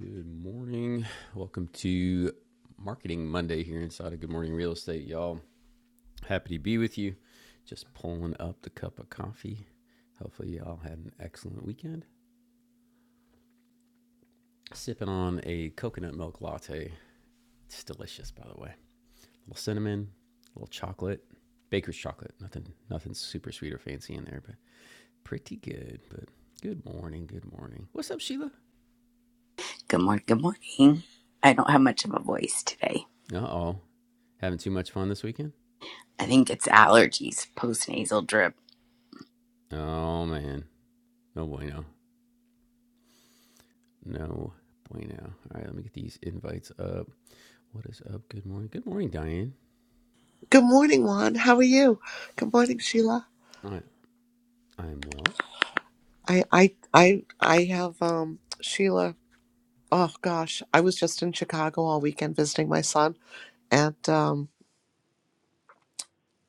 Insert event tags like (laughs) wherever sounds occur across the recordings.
Good morning. Welcome to Marketing Monday here inside of Good Morning Real Estate, y'all. Happy to be with you. Just pulling up the cup of coffee. Hopefully, y'all had an excellent weekend. Sipping on a coconut milk latte. It's delicious, by the way. A little cinnamon, a little chocolate, baker's chocolate. Nothing, nothing super sweet or fancy in there, but pretty good. But good morning, good morning. What's up, Sheila? Good morning. Good morning. I don't have much of a voice today. Uh oh, having too much fun this weekend? I think it's allergies, postnasal drip. Oh man, no bueno. No bueno. All right, let me get these invites up. What is up? Good morning. Good morning, Diane. Good morning, Juan. How are you? Good morning, Sheila. I I'm well. I I I I have um Sheila. Oh gosh, I was just in Chicago all weekend visiting my son, and um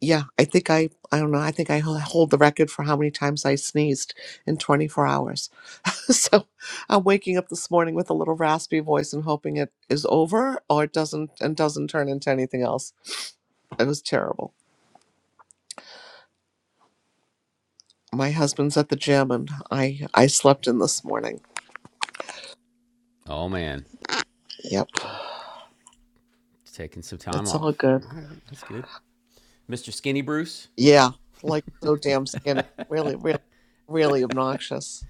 yeah, I think I I don't know. I think I ho- hold the record for how many times I sneezed in 24 hours. (laughs) so I'm waking up this morning with a little raspy voice and hoping it is over or it doesn't and doesn't turn into anything else. It was terrible. My husband's at the gym, and I I slept in this morning. Oh man, Yep, taking some time it's all off. good. All right, that's good. Mr. Skinny Bruce. Yeah, like so damn skinny. Really, really, really obnoxious.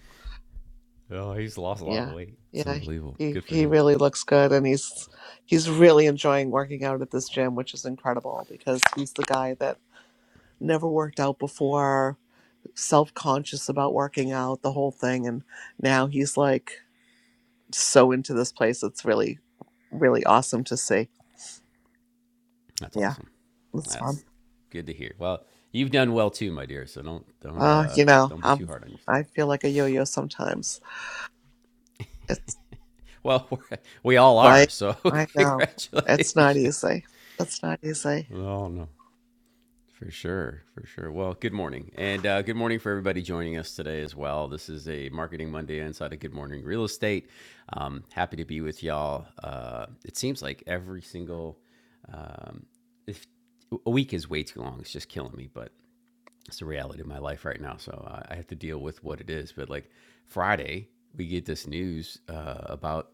Oh, he's lost a lot Yeah, of weight. It's yeah. unbelievable. He Good for he him. really looks good, and he's he's really enjoying working out at this gym, which is incredible because he's the guy that never worked out before, self conscious about working out, the whole thing, and now he's like so into this place. It's really, really awesome to see. That's Yeah, awesome. it's fun. That's good to hear. Well, you've done well too, my dear. So don't don't Uh, uh you know, don't be too I'm hard on I yourself. feel like a yo-yo sometimes. Well, (laughs) we're, we all are. Right? So I (laughs) know. It's not congratulations. easy. It's not easy. Oh no. For sure, for sure. Well, good morning, and uh, good morning for everybody joining us today as well. This is a Marketing Monday inside of Good Morning Real Estate. Um, happy to be with y'all. Uh, it seems like every single um, if a week is way too long. It's just killing me, but it's the reality of my life right now. So uh, I have to deal with what it is. But like Friday, we get this news uh, about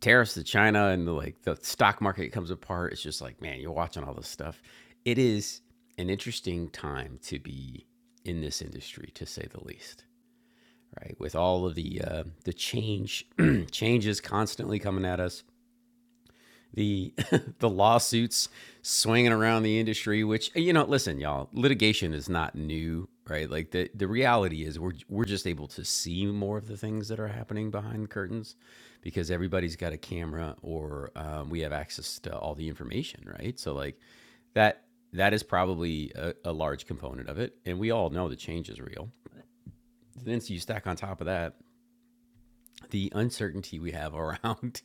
tariffs to China and the like the stock market comes apart. It's just like, man, you're watching all this stuff. It is an interesting time to be in this industry, to say the least, right? With all of the uh, the change (clears throat) changes constantly coming at us, the (laughs) the lawsuits swinging around the industry which you know listen y'all litigation is not new right like the the reality is we're we're just able to see more of the things that are happening behind the curtains because everybody's got a camera or um, we have access to all the information right so like that that is probably a, a large component of it and we all know the change is real then you stack on top of that the uncertainty we have (laughs) around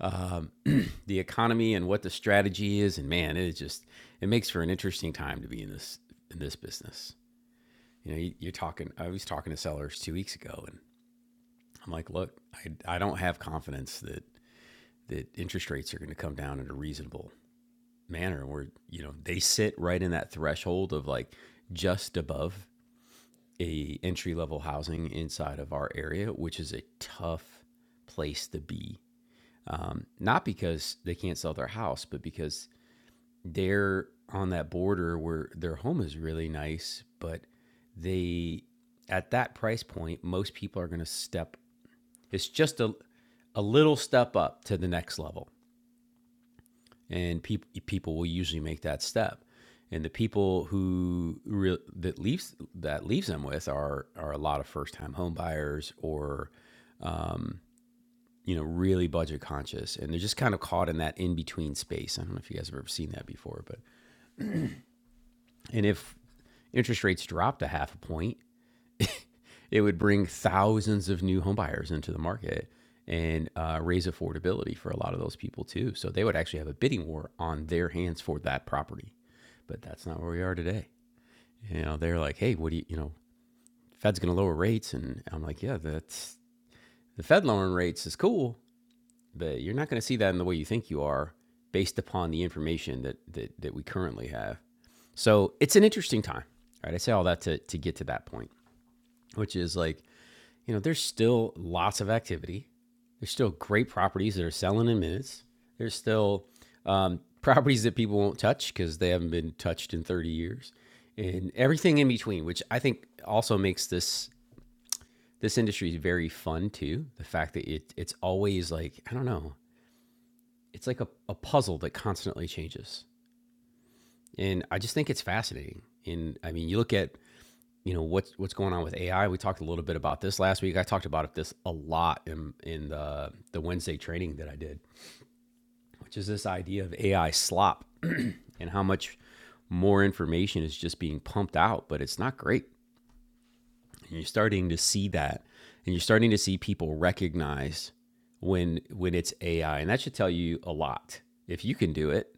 um, (clears throat) the economy and what the strategy is. And man, it is just it makes for an interesting time to be in this in this business. You know, you, you're talking. I was talking to sellers two weeks ago, and I'm like, look, I, I don't have confidence that that interest rates are going to come down in a reasonable manner. Where you know they sit right in that threshold of like just above a entry level housing inside of our area, which is a tough place to be um, not because they can't sell their house, but because they're on that border where their home is really nice, but they at that price point, most people are going to step. It's just a a little step up to the next level, and people people will usually make that step. And the people who re- that leaves that leaves them with are are a lot of first time home buyers or you know, really budget conscious, and they're just kind of caught in that in between space. I don't know if you guys have ever seen that before, but and if interest rates dropped a half a point, it would bring thousands of new home buyers into the market and uh, raise affordability for a lot of those people too. So they would actually have a bidding war on their hands for that property, but that's not where we are today. You know, they're like, hey, what do you, you know, Fed's going to lower rates, and I'm like, yeah, that's the Fed lowering rates is cool, but you're not going to see that in the way you think you are based upon the information that, that that we currently have so it's an interesting time right i say all that to, to get to that point which is like you know there's still lots of activity there's still great properties that are selling in minutes there's still um, properties that people won't touch because they haven't been touched in 30 years and everything in between which i think also makes this this industry very fun too the fact that it, it's always like i don't know it's like a, a puzzle that constantly changes. And I just think it's fascinating. And I mean, you look at, you know, what's what's going on with AI. We talked a little bit about this last week. I talked about it this a lot in in the the Wednesday training that I did, which is this idea of AI slop (clears throat) and how much more information is just being pumped out, but it's not great. And you're starting to see that. And you're starting to see people recognize when when it's AI. And that should tell you a lot. If you can do it,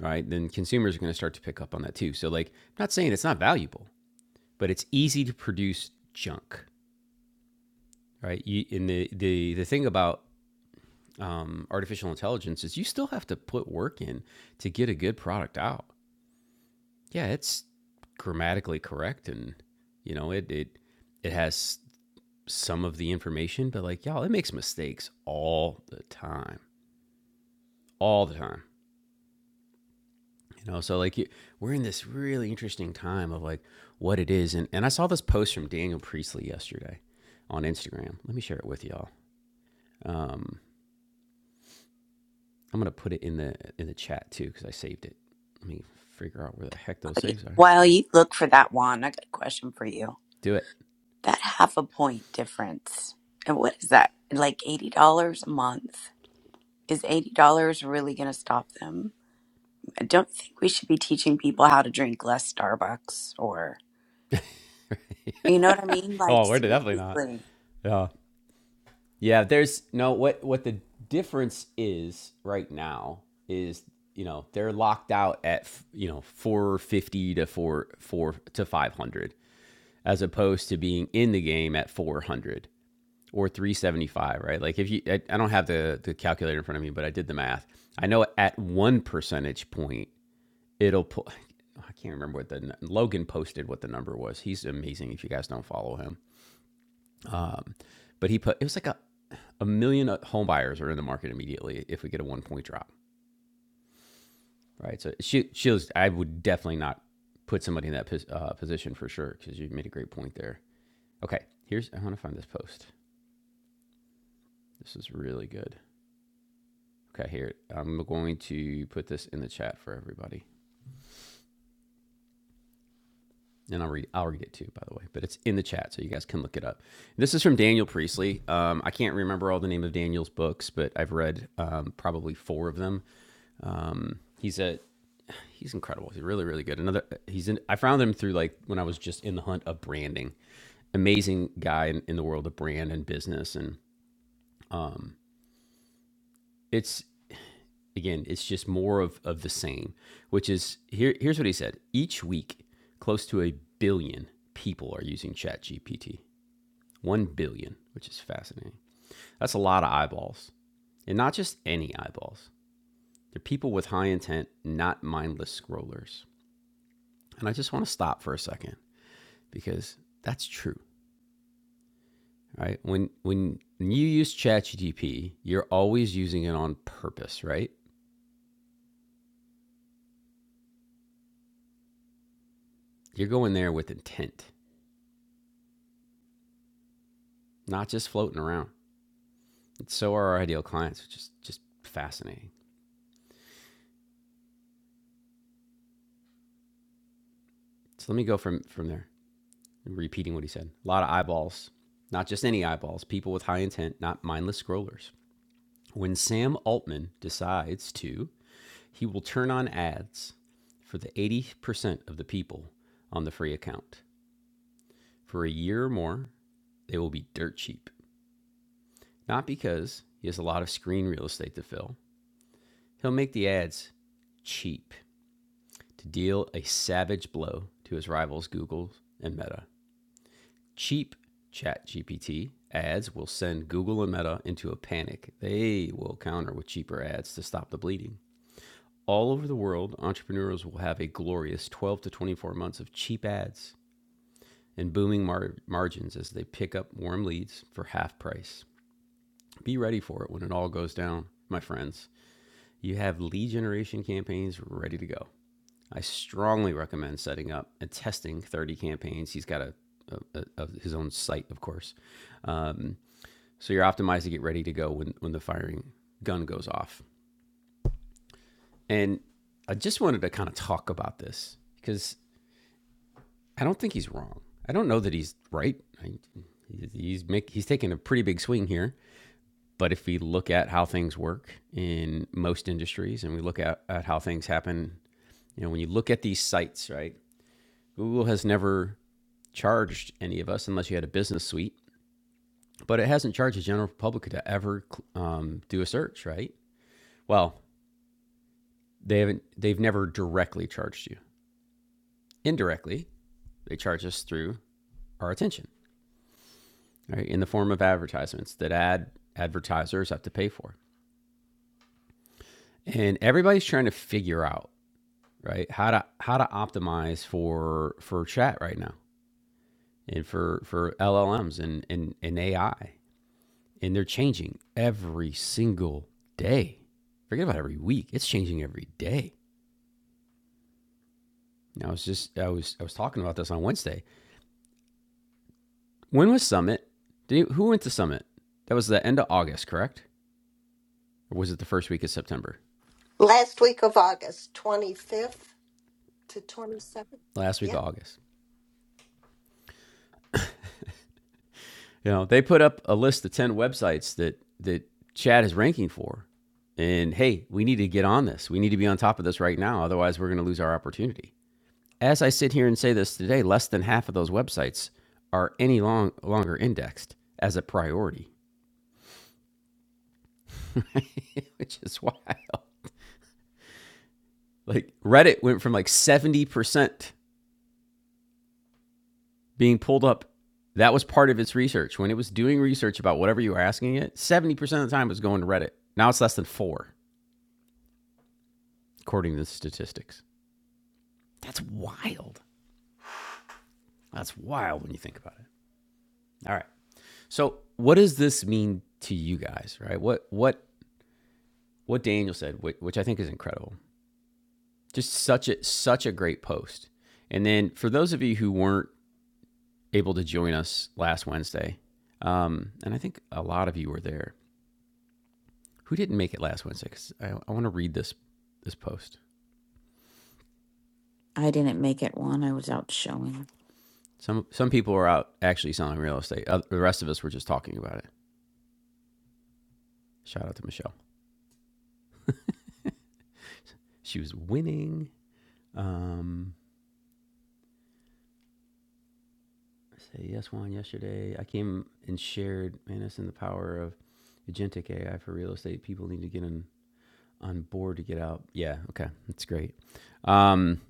right? Then consumers are going to start to pick up on that too. So like, I'm not saying it's not valuable, but it's easy to produce junk, right? You, and the the the thing about um, artificial intelligence is you still have to put work in to get a good product out. Yeah, it's grammatically correct, and you know it it it has some of the information, but like y'all, it makes mistakes all the time, all the time. you know so like you, we're in this really interesting time of like what it is and, and i saw this post from daniel priestley yesterday on instagram let me share it with y'all um, i'm gonna put it in the in the chat too because i saved it let me figure out where the heck those Okay, saves are While you look for that one, I got a question for you. do it That half a point difference, and what is that? Like $80 a month? Is $80 really going to stop them? I don't think we should be teaching people how to drink less Starbucks or, you know what I mean? Like, oh we're definitely not seriously. yeah yeah there's no what what the difference is right now is you know they're locked out at you know 450 to 4 4 to 500 as opposed to being in the game at 400 or 375, right? Like if you, I, I don't have the, the calculator in front of me, but I did the math. I know at one percentage point, it'll pull, I can't remember what the, Logan posted what the number was. He's amazing if you guys don't follow him. Um, but he put, it was like a, a million home buyers are in the market immediately if we get a one point drop, right? So she, she was, I would definitely not put somebody in that pos, uh, position for sure because you made a great point there. Okay, here's I want to find this post. This is really good. Okay, here I'm going to put this in the chat for everybody, and I'll read. I'll read it too, by the way. But it's in the chat, so you guys can look it up. This is from Daniel Priestley. Um, I can't remember all the name of Daniel's books, but I've read um, probably four of them. Um, he's a he's incredible. He's really really good. Another he's in. I found him through like when I was just in the hunt of branding amazing guy in, in the world of brand and business and um it's again, it's just more of, of the same, which is here, here's what he said. Each week, close to a billion people are using ChatGPT. One billion, which is fascinating. That's a lot of eyeballs, and not just any eyeballs. They're people with high intent, not mindless scrollers. And I just want to stop for a second because that's true, right? When when you use ChatGPT, you're always using it on purpose, right? You're going there with intent, not just floating around. And so are our ideal clients, which is just fascinating. So let me go from from there, repeating what he said. A lot of eyeballs, not just any eyeballs, people with high intent, not mindless scrollers. When Sam Altman decides to, he will turn on ads for the 80% of the people on the free account. For a year or more, they will be dirt cheap. Not because he has a lot of screen real estate to fill. He'll make the ads cheap to deal a savage blow to his rivals Google and Meta. Cheap ChatGPT ads will send Google and Meta into a panic. They will counter with cheaper ads to stop the bleeding. All over the world, entrepreneurs will have a glorious 12 to 24 months of cheap ads and booming mar- margins as they pick up warm leads for half price. Be ready for it when it all goes down, my friends. You have lead generation campaigns ready to go. I strongly recommend setting up and testing 30 campaigns. He's got a, a, a, his own site, of course. Um, so you're optimized to get ready to go when, when the firing gun goes off. And I just wanted to kind of talk about this because I don't think he's wrong. I don't know that he's right. I, he's make, he's taking a pretty big swing here. But if we look at how things work in most industries, and we look at, at how things happen, you know, when you look at these sites, right? Google has never charged any of us unless you had a business suite, but it hasn't charged the general public to ever um, do a search, right? Well, they haven't. They've never directly charged you. Indirectly, they charge us through our attention, right, in the form of advertisements that ad advertisers have to pay for, and everybody's trying to figure out right how to how to optimize for for chat right now and for for LLMs and and, and AI and they're changing every single day. Forget about every week; it's changing every day. And I was just I was I was talking about this on Wednesday. When was Summit? Did you, who went to Summit? That was the end of August, correct? Or was it the first week of September? Last week of August, 25th to 27th. Last week Yeah. of August. You know, they put up a list of ten websites that that Chad is ranking for. And hey, we need to get on this. We need to be on top of this right now. Otherwise, we're going to lose our opportunity. As I sit here and say this today, less than half of those websites are any long, longer indexed as a priority, (laughs) which is wild. Like Reddit went from like 70% being pulled up. That was part of its research. When it was doing research about whatever you were asking it, 70% of the time it was going to Reddit. Now it's less than four, according to the statistics. That's wild. That's wild when you think about it. All right. So, what does this mean to you guys, right? What what what Daniel said, which I think is incredible. just such a such a great post. And then for those of you who weren't able to join us last Wednesday, um, and I think a lot of you were there who didn't make it last Wednesday because I, I want to read this this post. I didn't make it one. I was out showing. Some some people were out actually selling real estate. Oth- the rest of us were just talking about it. Shout out to Michelle. She was winning. Um, I say yes one yesterday. I came and shared Manus and the power of agentic AI for real estate. People need to get in on board to get out. Yeah, okay, that's great. Um,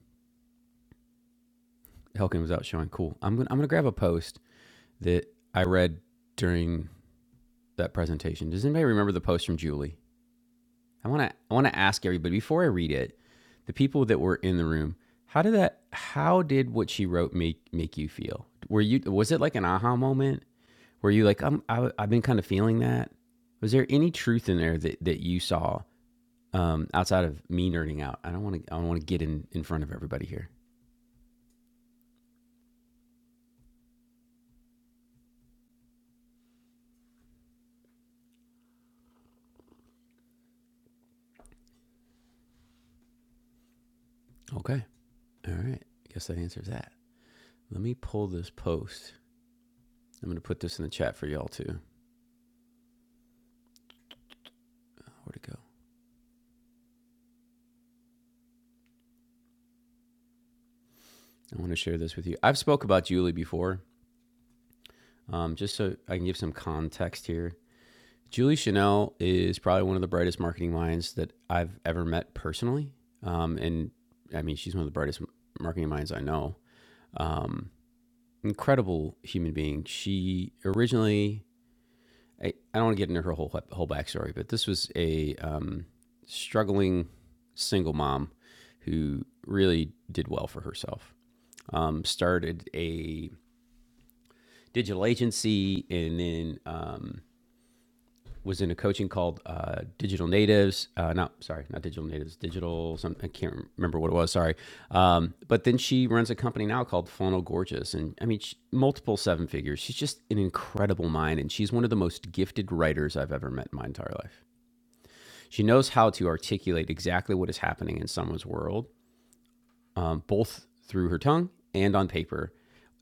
Helkin was out showing. Cool. I'm gonna I'm gonna grab a post that I read during that presentation. Does anybody remember the post from Julie? I wanna I wanna ask everybody before I read it, the people that were in the room. How did that? How did what she wrote make make you feel? Were you was it like an aha moment? Were you like I'm I, I've been kind of feeling that? Was there any truth in there that that you saw um, outside of me nerding out. I don't want to. I don't want to get in in front of everybody here. Okay. All right. I Guess that answers that. Let me pull this post. I'm going to put this in the chat for y'all too. Where to go? I want to share this with you. I've spoke about Julie before, um, just so I can give some context here. Julie Chanel is probably one of the brightest marketing minds that I've ever met personally, um, and I mean she's one of the brightest marketing minds I know. Um, incredible human being. She originally I, I don't want to get into her whole whole backstory, but this was a um, struggling single mom who really did well for herself. Um, started a digital agency and then um, was in a coaching called uh, Digital Natives. Uh, not sorry, not Digital Natives. Digital. Some, I can't remember what it was. Sorry. Um, but then she runs a company now called Funnel Gorgeous, and I mean she, multiple seven figures. She's just an incredible mind, and she's one of the most gifted writers I've ever met in my entire life. She knows how to articulate exactly what is happening in someone's world, um, both through her tongue and on paper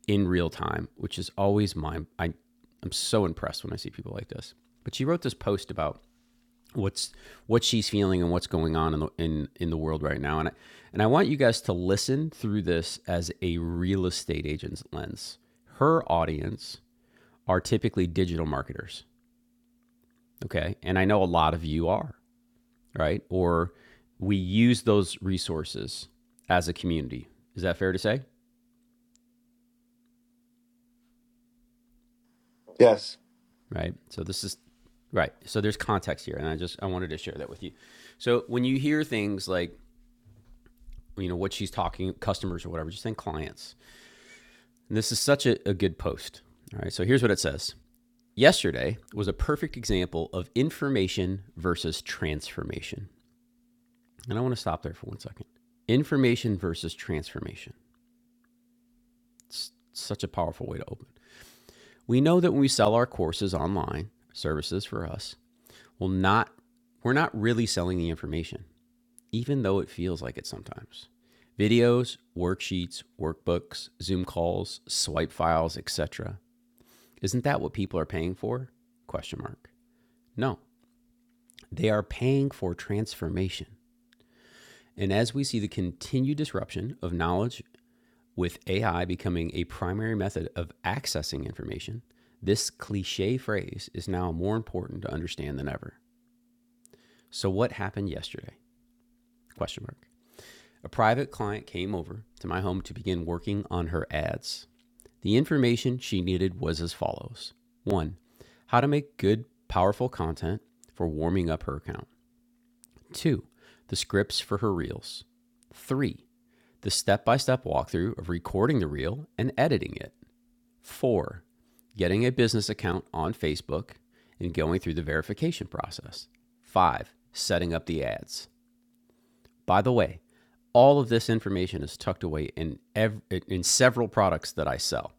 in real time, which is always my I, I'm so impressed when I see people like this. But she wrote this post about what's what she's feeling and what's going on in the in, in the world right now. And I, and I want you guys to listen through this as a real estate agent's lens. Her audience are typically digital marketers, okay? And I know a lot of you are. right? Or we use those resources as a community. Is that fair to say? Yes. Right. So this is right. So there's context here, and I just I wanted to share that with you. So when you hear things like you know what she's talking customers or whatever, just think clients. And this is such a, a good post. All right. So here's what it says. Yesterday was a perfect example of information versus transformation. And I want to stop there for one second. Information versus transformation. It's such a powerful way to open We know that when we sell our courses online, services for us, will not we're not really selling the information, even though it feels like it sometimes. Videos, worksheets, workbooks, Zoom calls, swipe files, etc. Isn't that what people are paying for? Question mark. No. They are paying for transformation. And as we see the continued disruption of knowledge With AI becoming a primary method of accessing information, this cliche phrase is now more important to understand than ever. So what happened yesterday? Question mark. A private client came over to my home to begin working on her ads. The information she needed was as follows. 1. How to make good, powerful content for warming up her account. 2. The scripts for her reels. 3. The step-by-step walkthrough of recording the reel and editing it. Four, getting a business account on Facebook and going through the verification process. Five, setting up the ads. By the way, all of this information is tucked away in ev- in several products that I sell.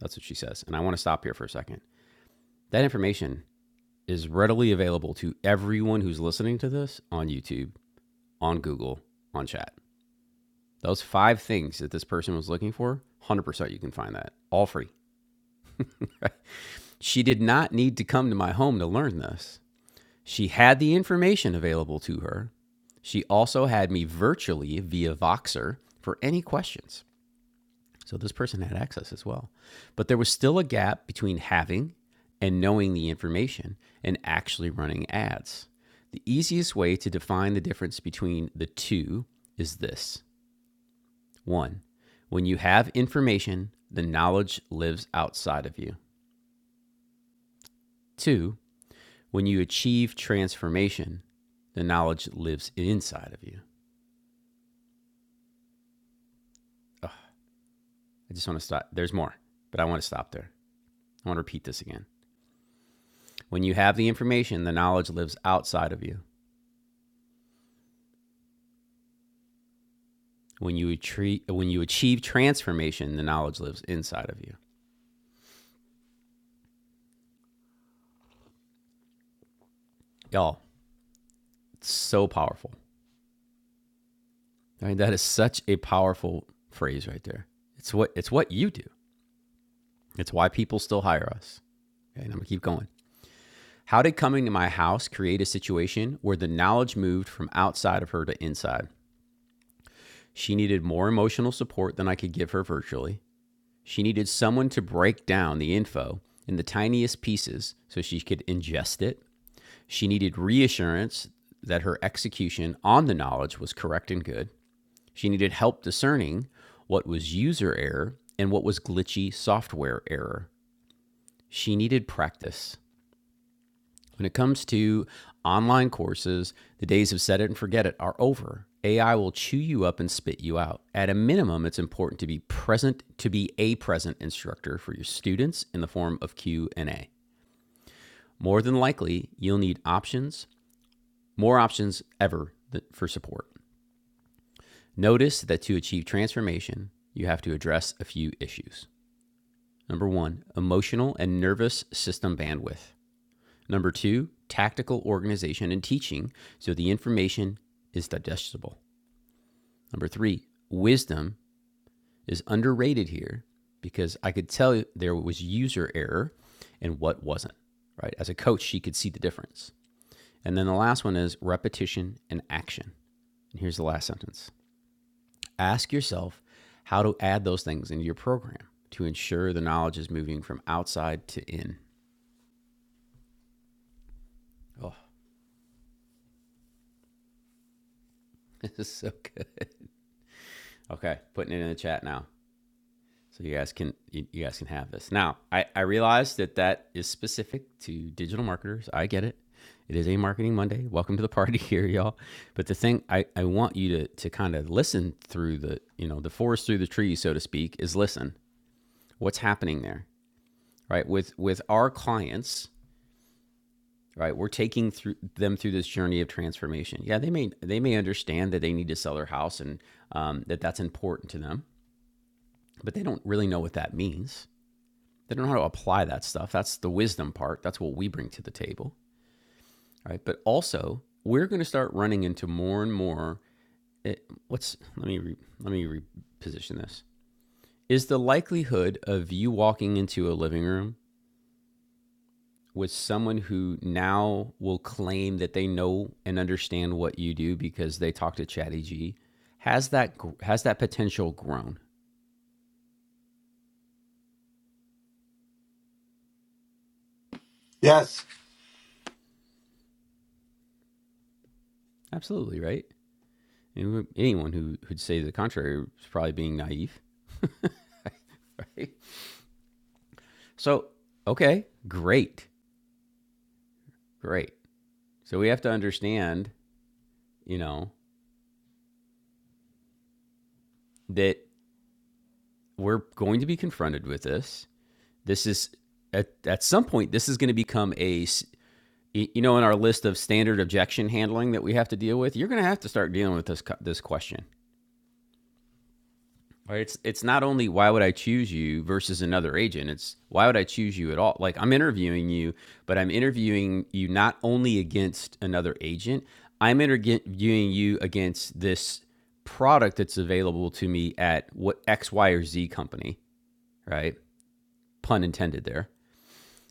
That's what she says. And I want to stop here for a second. That information is readily available to everyone who's listening to this on YouTube, on Google, on chat. Those five things that this person was looking for, 100% you can find that all free. She did not need to come to my home to learn this. She had the information available to her. She also had me virtually via Voxer for any questions. So this person had access as well. But there was still a gap between having and knowing the information and actually running ads. The easiest way to define the difference between the two is this one, when you have information, the knowledge lives outside of you. Two, when you achieve transformation, the knowledge lives inside of you. I just want to stop. There's more, but I want to stop there. I want to repeat this again. When you have the information, the knowledge lives outside of you. When you achieve, when you achieve transformation, the knowledge lives inside of you. Y'all, it's so powerful. I mean, that is such a powerful phrase right there. It's what it's what you do. It's why people still hire us. Okay, and I'm gonna keep going. How did coming to my house create a situation where the knowledge moved from outside of her to inside? She needed more emotional support than I could give her virtually. She needed someone to break down the info in the tiniest pieces so she could ingest it. She needed reassurance that her execution on the knowledge was correct and good. She needed help discerning what was user error and what was glitchy software error. She needed practice. When it comes to online courses, the days of set it and forget it are over. AI will chew you up and spit you out. At a minimum, it's important to be present, to be a present instructor for your students in the form of Q&A. More than likely, you'll need options, more options ever for support. Notice that to achieve transformation, you have to address a few issues. Number 1, emotional and nervous system bandwidth. Number two, tactical organization and teaching, so the information is digestible. Number three, wisdom is underrated here because I could tell there was user error and what wasn't, right? As a coach, she could see the difference. And then the last one is repetition and action. And here's the last sentence Ask yourself how to add those things into your program to ensure the knowledge is moving from outside to in. Oh, (laughs) this is so good. Okay, putting it in the chat now. So you guys can you, guys can have this. Now, I I realize that that is specific to digital marketers. I get it. It is a marketing Monday. Welcome to the party (laughs) here, y'all. But the thing I, I want you to to kind of listen through the you know the forest through the trees, so to speak, is listen. What's happening there, right? With with our clients, right? We're taking through them through this journey of transformation. Yeah, they may they may understand that they need to sell their house and um, that that's important to them, but they don't really know what that means They don't know how to apply that stuff. That's the wisdom part. That's what we bring to the table, right? But also, we're going to start running into more and more. It, what's let me re, let me reposition this. Is the likelihood of you walking into a living room with someone who now will claim that they know and understand what you do because they talk to ChatGPT has that has that potential grown? Yes. Absolutely, right? Anyone who'd say the contrary is probably being naive, (laughs) right? So, okay, great, great. So we have to understand, you know, that we're going to be confronted with this. This is at, at some point, this is going to become a, you know, in our list of standard objection handling that we have to deal with. You're going to have to start dealing with this this question. Right, It's it's not only why would I choose you versus another agent. It's why would I choose you at all? Like I'm interviewing you, but I'm interviewing you not only against another agent. I'm interviewing you against this product that's available to me at what X, Y, or Z company, right? Pun intended there.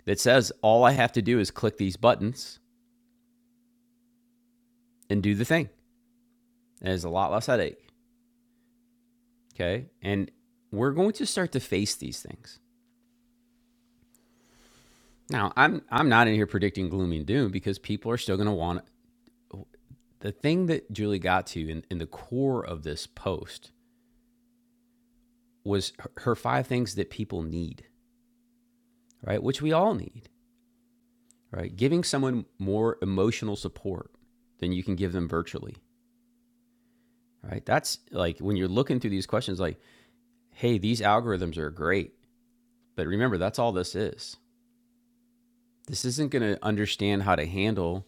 That says all I have to do is click these buttons and do the thing. And it's a lot less headache. Okay. And we're going to start to face these things Now, I'm I'm not in here predicting gloom and doom because people are still going to want it. the thing that Julie got to in, in the core of this post was her, her five things that people need, right? Which we all need, right? Giving someone more emotional support than you can give them virtually, right? That's like when you're looking through these questions, like, hey, these algorithms are great, but remember that's all this is this isn't going to understand how to handle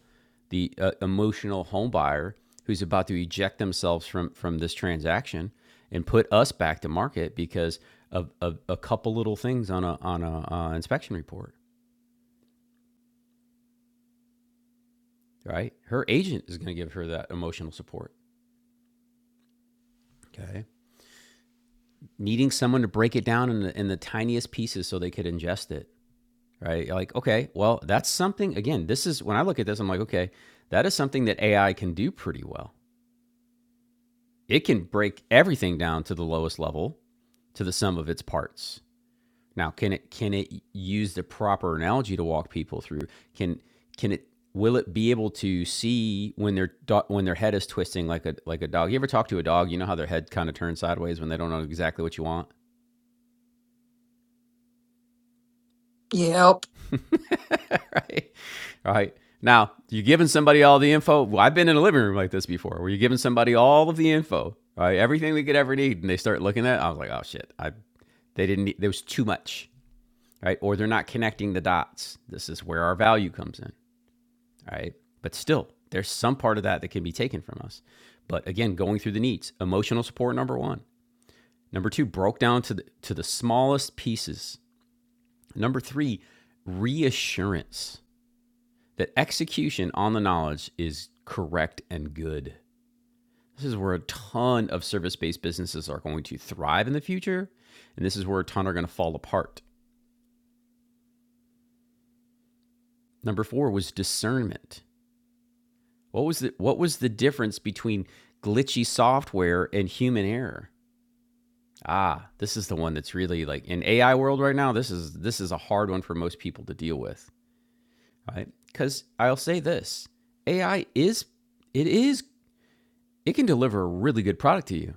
the uh, emotional home buyer who's about to eject themselves from from this transaction and put us back to market because of, of a couple little things on a on a uh, inspection report, right? Her agent is going to give her that emotional support. Okay, needing someone to break it down in the, in the tiniest pieces so they could ingest it, right? Like, okay, well, that's something. Again, this is when I look at this, I'm like, okay, that is something that AI can do pretty well it can break everything down to the lowest level to the sum of its parts. Now, can it can it use the proper analogy to walk people through? Can can it will it be able to see when their do- when their head is twisting like a like a dog? You ever talk to a dog? You know how their head kind of turns sideways when they don't know exactly what you want, Yep. (laughs) right? All Right. Now, you're giving somebody all the info. Well, I've been in a living room like this before, where you're giving somebody all of the info, right? Everything they could ever need, and they start looking at. It, I was like, oh shit, I they didn't. there was too much. right? Or they're not connecting the dots. This is where our value comes in, right? But still, there's some part of that that can be taken from us. But again, going through the needs, emotional support number 1. Number 2, broke down to the to the smallest pieces. Number 3, reassurance that execution on the knowledge is correct and good. This is where a ton of service-based businesses are going to thrive in the future, and this is where a ton are going to fall apart. Number 4 was discernment What was the what was the difference between glitchy software and human error? Ah, this is the one that's really like in AI world right now. This is this is a hard one for most people to deal with, right? Cuz I'll say this. AI is it is it can deliver a really good product to you.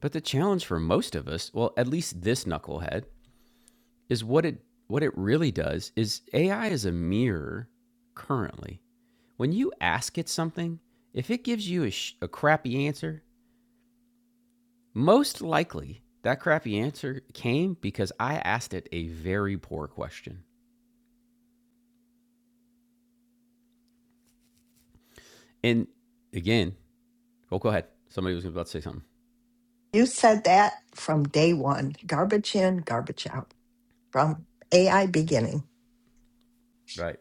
But the challenge for most of us, well, at least this knucklehead, is what it what it really does is AI is a mirror currently. When you ask it something, if it gives you a, sh- a crappy answer, Most likely, that crappy answer came because I asked it a very poor question. And again, oh, go ahead. Somebody was about to say something. You said that from day one garbage in, garbage out, from AI beginning. Right.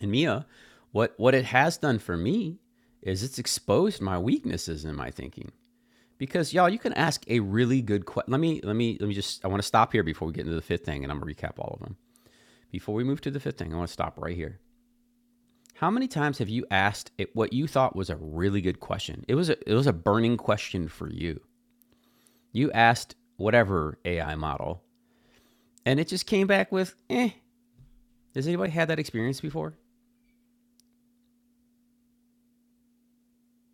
And Mia, what, what it has done for me is it's exposed my weaknesses in my thinking. Because y'all, you can ask a really good question. Let me, let me, let me just, I want to stop here before we get into the fifth thing and I'm going to recap all of them. Before we move to the fifth thing, I want to stop right here. How many times have you asked it what you thought was a really good question? It was a, it was a burning question for you You asked whatever AI model, and it just came back with, eh, has anybody had that experience before?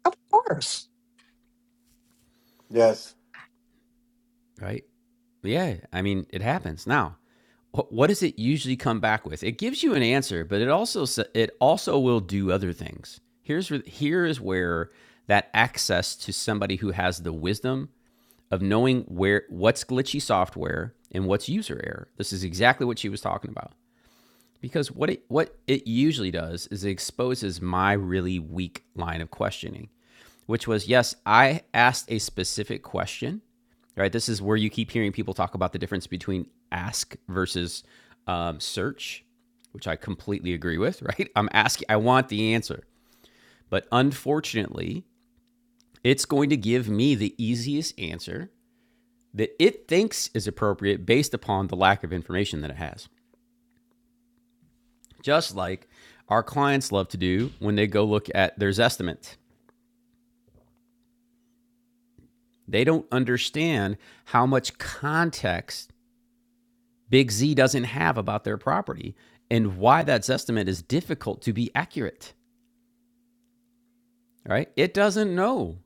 Of course. Yes. Right? Yeah, I mean, it happens. Now, wh- what does it usually come back with? It gives you an answer, but it also s- it also will do other things. Here's where- here is where that access to somebody who has the wisdom of knowing where what's glitchy software and what's user error. This is exactly what she was talking about. Because what it, what it usually does is it exposes my really weak line of questioning, which was yes, I asked a specific question, right? This is where you keep hearing people talk about the difference between ask versus um, search, which I completely agree with, (laughs) right? I'm asking, I want the answer. But unfortunately, it's going to give me the easiest answer that it thinks is appropriate based upon the lack of information that it has. Just like our clients love to do when they go look at their estimate. They don't understand how much context Big Z doesn't have about their property and why that estimate is difficult to be accurate, right? It doesn't know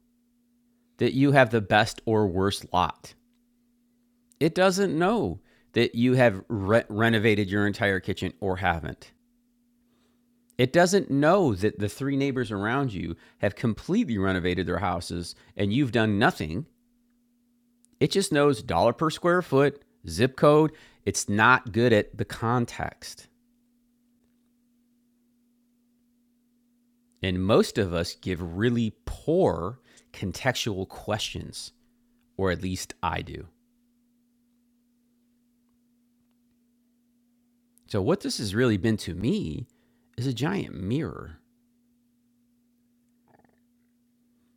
that you have the best or worst lot. It doesn't know that you have re- renovated your entire kitchen or haven't. It doesn't know that the three neighbors around you have completely renovated their houses and you've done nothing It just knows dollar per square foot, zip code. It's not good at the context. And most of us give really poor contextual questions, or at least I do. So, what this has really been to me is a giant mirror.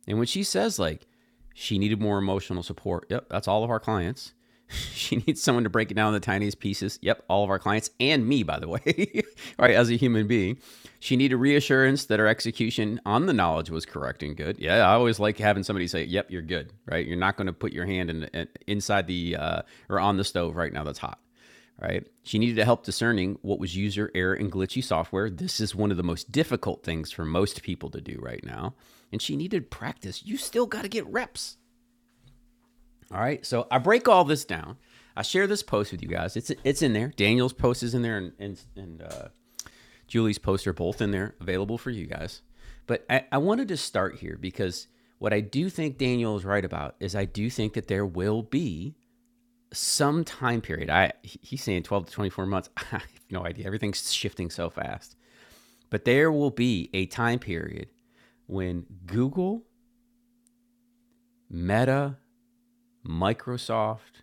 And when she says like she needed more emotional support, yep, that's all of our clients. (laughs) she needs someone to break it down in the tiniest pieces. Yep, all of our clients and me, by the way, (laughs) right, as a human being. She needed reassurance that her execution on the knowledge was correct and good. Yeah, I always like having somebody say, "Yep, you're good." Right, you're not going to put your hand in, in inside the uh, or on the stove right now. That's hot right? She needed help discerning what was user error and glitchy software. This is one of the most difficult things for most people to do right now. And she needed practice. You still got to get reps. All right. So I break all this down. I share this post with you guys. It's it's in there. Daniel's post is in there, and and, and uh, Julie's posts are both in there, available for you guys. But I, I wanted to start here because what I do think Daniel is right about is I do think that there will be some time period. I he's saying 12 to 24 months. (laughs) I have no idea. Everything's shifting so fast. But there will be a time period when Google, Meta, Microsoft,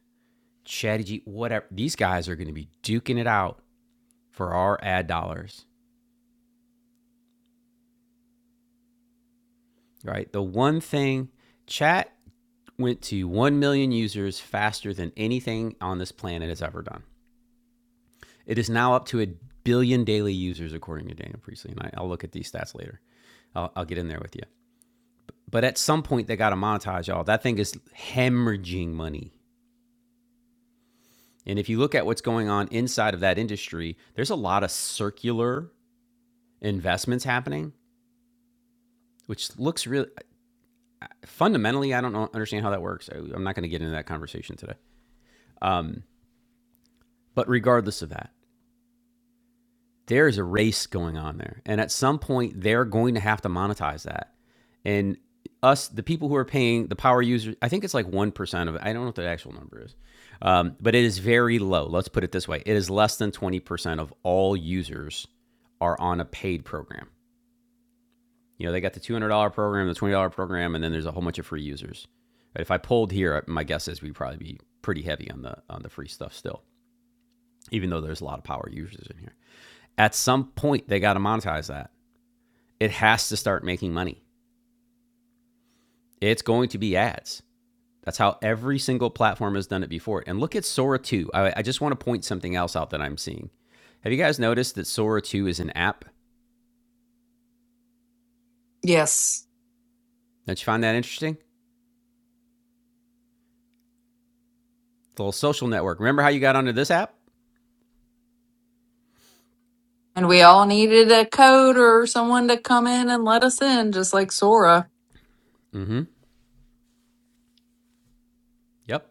ChatGPT, whatever, these guys are going to be duking it out for our ad dollars, right? The one thing chat went to 1 million users faster than anything on this planet has ever done. It is now up to a billion daily users, according to Daniel Priestley. And I, I'll look at these stats later. I'll, I'll get in there with you. But at some point, they got to monetize y'all. That thing is hemorrhaging money. And if you look at what's going on inside of that industry, there's a lot of circular investments happening, which looks really fundamentally. I don't know, understand how that works. I, I'm not going to get into that conversation today. Um, but regardless of that, there's a race going on there. And at some point, they're going to have to monetize that. And us, the people who are paying the power users, I think it's like 1% of it. I don't know what the actual number is, um, but it is very low. Let's put it this way it is less than 20% of all users are on a paid program. You know, they got the $200 program, the $20 program, and then there's a whole bunch of free users. But if I pulled here, my guess is we'd probably be pretty heavy on the on the free stuff still, even though there's a lot of power users in here. At some point, they got to monetize that it has to start making money. It's going to be ads. That's how every single platform has done it before. And look at Sora 2. I, I just want to point something else out that I'm seeing. Have you guys noticed that Sora 2 is an app? Yes. Don't you find that interesting? It's a little social network. Remember how you got onto this app? And we all needed a code or someone to come in and let us in, just like Sora. Mm-hmm. Yep.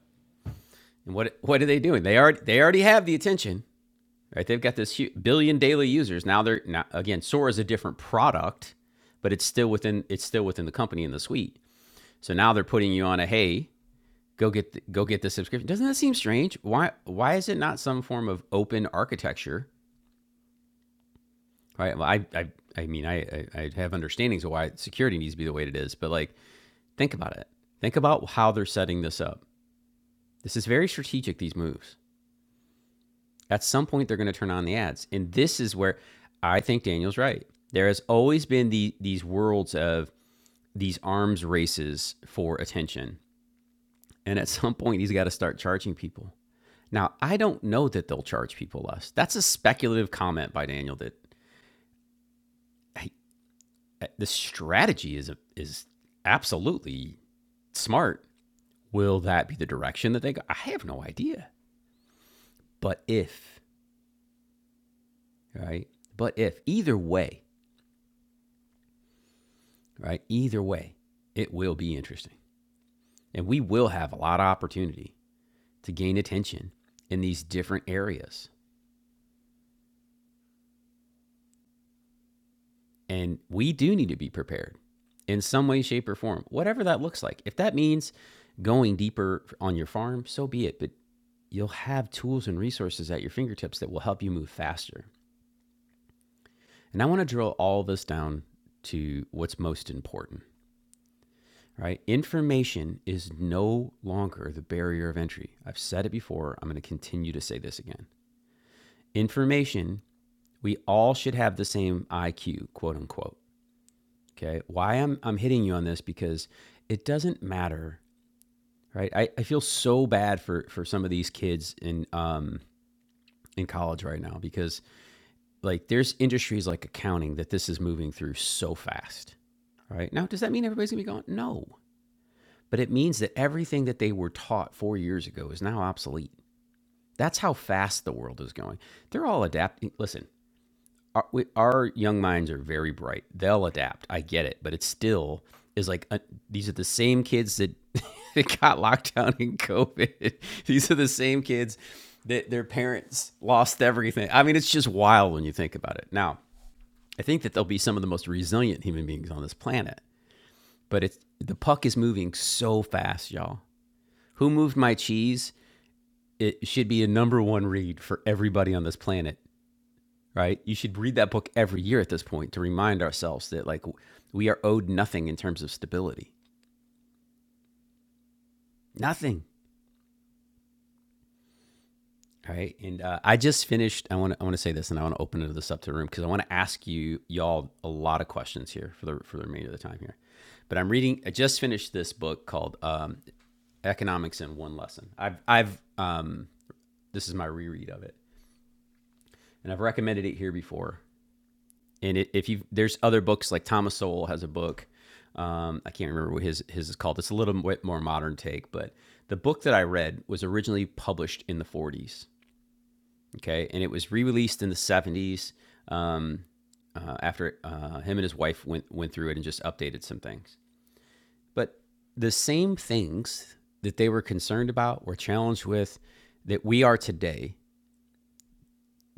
And what what are they doing? They already they already have the attention, right? They've got this hu billion daily users. Now they're now again Sora is a different product, but it's still within it's still within the company and the suite. So now they're putting you on a hey, go get the, go get the subscription. Doesn't that seem strange? Why why is it not some form of open architecture? Right? Well, I I I mean I, I I have understandings of why security needs to be the way it is, but like think about it. Think about how they're setting this up. This is very strategic. These moves. At some point, they're going to turn on the ads, and this is where I think Daniel's right. There has always been the these worlds of these arms races for attention, and at some point, he's got to start charging people Now, I don't know that they'll charge people less. That's a speculative comment by Daniel that hey, uh, the strategy is is absolutely smart. Will that be the direction that they go? I have no idea. But if, right? But if either way, right? Either way, it will be interesting. And we will have a lot of opportunity to gain attention in these different areas And we do need to be prepared in some way, shape, or form, whatever that looks like. If that means going deeper on your farm, so be it. But you'll have tools and resources at your fingertips that will help you move faster. And I want to drill all this down to what's most important, right? Information is no longer the barrier of entry. I've said it before. I'm going to continue to say this again. Information, we all should have the same IQ, quote unquote. Okay. Why I'm I'm hitting you on this because it doesn't matter, right? I, I feel so bad for for some of these kids in um in college right now because like there's industries like accounting that this is moving through so fast. Right. Now, does that mean everybody's gonna be gone? No. But it means that everything that they were taught four years ago is now obsolete. That's how fast the world is going. They're all adapting. Listen, our, we, our young minds are very bright. They'll adapt. I get it, but it still is like uh these are the same kids that, (laughs) that got locked down in COVID. (laughs) These are the same kids that their parents lost everything. I mean, it's just wild when you think about it. Now, I think that they'll be some of the most resilient human beings on this planet, but it's the puck is moving so fast, y'all. Who moved my cheese? It should be a number one read for everybody on this planet right? You should read that book every year at this point to remind ourselves that like we are owed nothing in terms of stability, nothing, right? And uh, I just finished. I want to I want to say this, and I want to open this up to the room because I want to ask you y'all a lot of questions here for the for the remainder of the time here. But I'm reading. I just finished this book called um, Economics in One Lesson. I've I've um, this is my reread of it, and I've recommended it here before. and it, if you there's other books like Thomas Sowell has a book. Um, I can't remember what his his is called. It's a little bit more modern take, but the book that I read was originally published in the 40s. Okay, and it was re-released in the 70s um, uh, after uh, him and his wife went went through it and just updated some things. But the same things that they were concerned about, were challenged with, that we are today,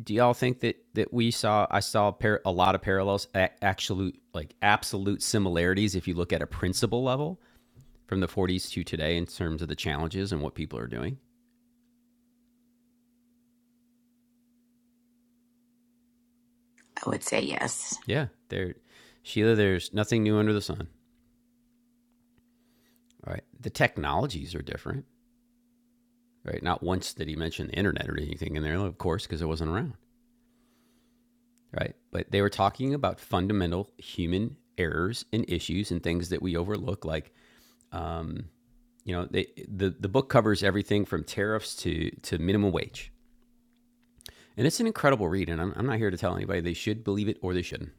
do y'all think that that we saw i saw par- a lot of parallels a- absolute like absolute similarities if you look at a principle level from the 40s to today in terms of the challenges and what people are doing I would say yes. yeah there sheila there's nothing new under the sun All right the technologies are different right not once did he mention the internet or anything in there of course because it wasn't around right but they were talking about fundamental human errors and issues and things that we overlook like um, You know, they, the the book covers everything from tariffs to to minimum wage, and it's an incredible read. And I'm, I'm not here to tell anybody they should believe it or they shouldn't.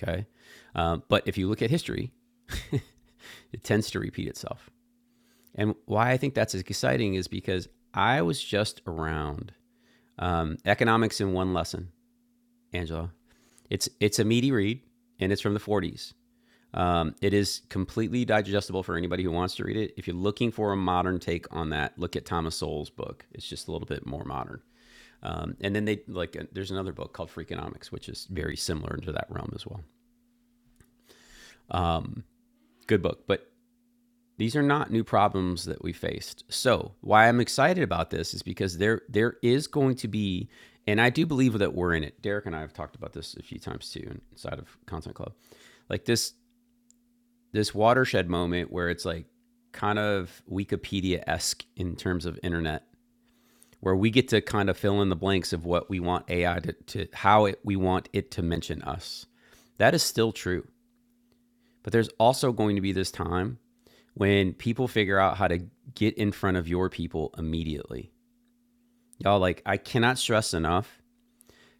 Okay, uh, but if you look at history, (laughs) it tends to repeat itself. And why I think that's exciting is because I was just around um, economics in one lesson, Angela. It's it's a meaty read, and it's from the 40s. Um, it is completely digestible for anybody who wants to read it. If you're looking for a modern take on that, look at Thomas Sowell's book. It's just a little bit more modern. Um, and then they like uh, there's another book called Freakonomics, which is very similar into that realm as well. Um, good book, but these are not new problems that we faced. So why I'm excited about this is because there there is going to be, and I do believe that we're in it. Derek and I have talked about this a few times too inside of Content Club. Like this this watershed moment where it's like kind of Wikipedia esque in terms of internet, where we get to kind of fill in the blanks of what we want AI to, to how it, we want it to mention us. That is still true. But there's also going to be this time when people figure out how to get in front of your people immediately. Y'all, like, I cannot stress enough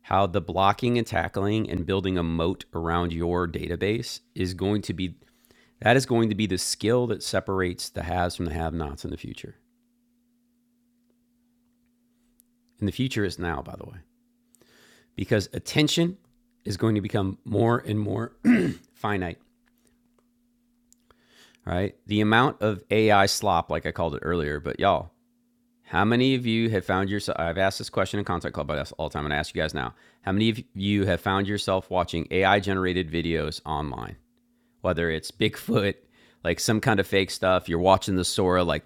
how the blocking and tackling and building a moat around your database is going to be That is going to be the skill that separates the haves from the have nots in the future. And the future is now, by the way, because attention is going to become more and more (clears throat) finite, right? The amount of AI slop, like I called it earlier, but y'all, how many of you have found yourself? I've asked this question in Content Club all the time, and I ask you guys now. How many of you have found yourself watching AI generated videos online? Whether it's Bigfoot, like some kind of fake stuff, you're watching the Sora, like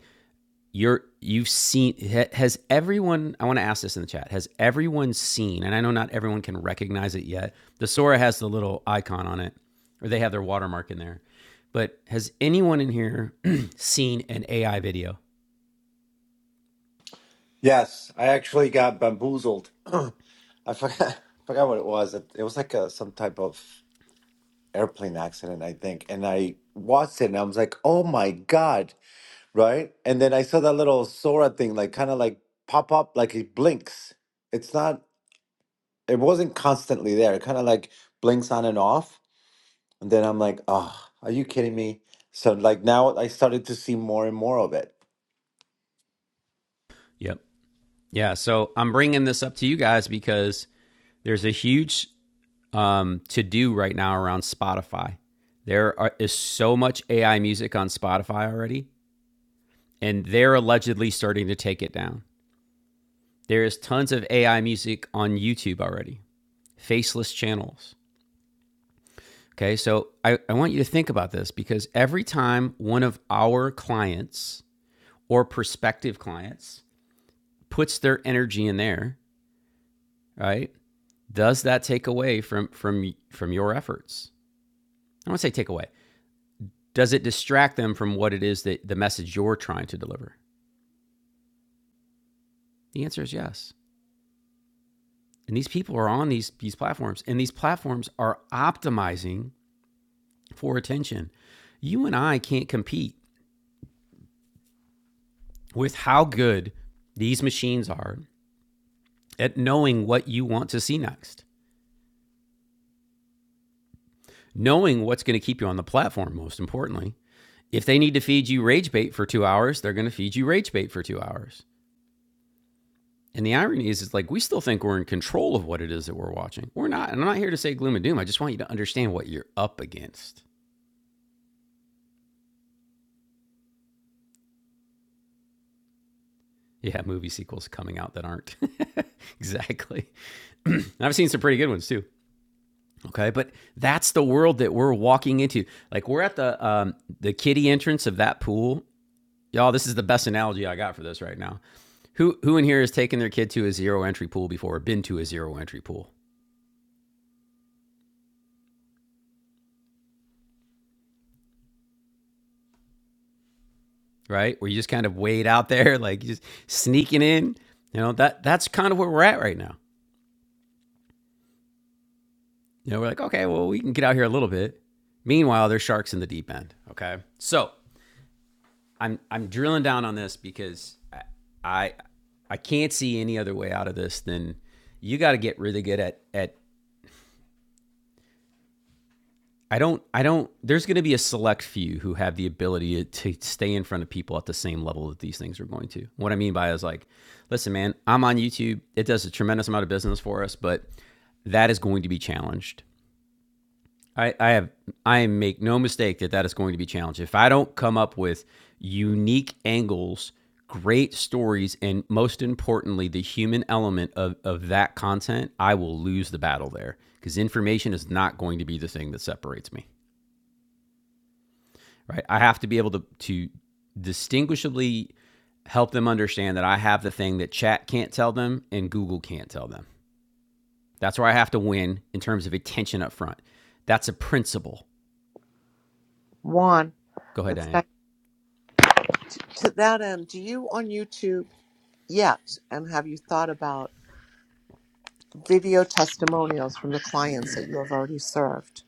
you're you've seen has everyone i want to ask this in the chat has everyone seen and i know not everyone can recognize it yet the sora has the little icon on it or they have their watermark in there but has anyone in here (clears throat) seen an ai video Yes. I actually got bamboozled. (clears throat) I forgot (laughs) forgot what it was. It, it was like a, some type of airplane accident, I think. And I watched it and I was like, "Oh my god." Right? And then I saw that little Sora thing like kind of like pop up like it blinks. It's not it wasn't constantly there. It kind of like blinks on and off. And then I'm like, "Oh, are you kidding me?" So like now I started to see more and more of it. yep yeah so i'm bringing this up to you guys because there's a huge um, to do right now around spotify there are, is so much ai music on spotify already and they're allegedly starting to take it down There is tons of AI music on YouTube already, faceless channels. Okay, so I, I want you to think about this because every time one of our clients or prospective clients puts their energy in there, right? Does that take away from from from your efforts? I don't want to say take away. Does it distract them from what it is that the message you're trying to deliver? The answer is yes. And these people are on these these platforms, and these platforms are optimizing for attention. You and I can't compete with how good these machines are at knowing what you want to see next, knowing what's going to keep you on the platform, most importantly. If they need to feed you rage bait for two hours, they're going to feed you rage bait for two hours. And the irony is, it's like we still think we're in control of what it is that we're watching. We're not. And I'm not here to say gloom and doom. I just want you to understand what you're up against. Yeah, movie sequels coming out that aren't. (laughs) exactly. (clears throat) I've seen some pretty good ones too. Okay, but that's the world that we're walking into. Like we're at the um, the kiddie entrance of that pool, y'all. This is the best analogy I got for this right now. Who who in here has taken their kid to a zero entry pool before or been to a zero entry pool, right? Where you just kind of wade out there, (laughs) like just sneaking in. You know that that's kind of where we're at right now. You know, we're like, okay, well, we can get out here a little bit. Meanwhile, there's sharks in the deep end. Okay, so I'm I'm drilling down on this because I I, I can't see any other way out of this than you got to get really good at at I don't I don't there's going to be a select few who have the ability to, to stay in front of people at the same level that these things are going to. What I mean by it is like, listen, man, I'm on YouTube. It does a tremendous amount of business for us, but that is going to be challenged I, I have I make no mistake that that is going to be challenged. If I don't come up with unique angles, great stories, and most importantly, the human element of, of that content, I will lose the battle there because information is not going to be the thing that separates me. Right? I have to be able to to distinguishably help them understand that I have the thing that chat can't tell them and Google can't tell them. That's where I have to win in terms of attention up front. That's a principle. Juan, Go ahead, it's Diane. that, to that end, do you on YouTube yet, and have you thought about video testimonials from the clients that you have already served?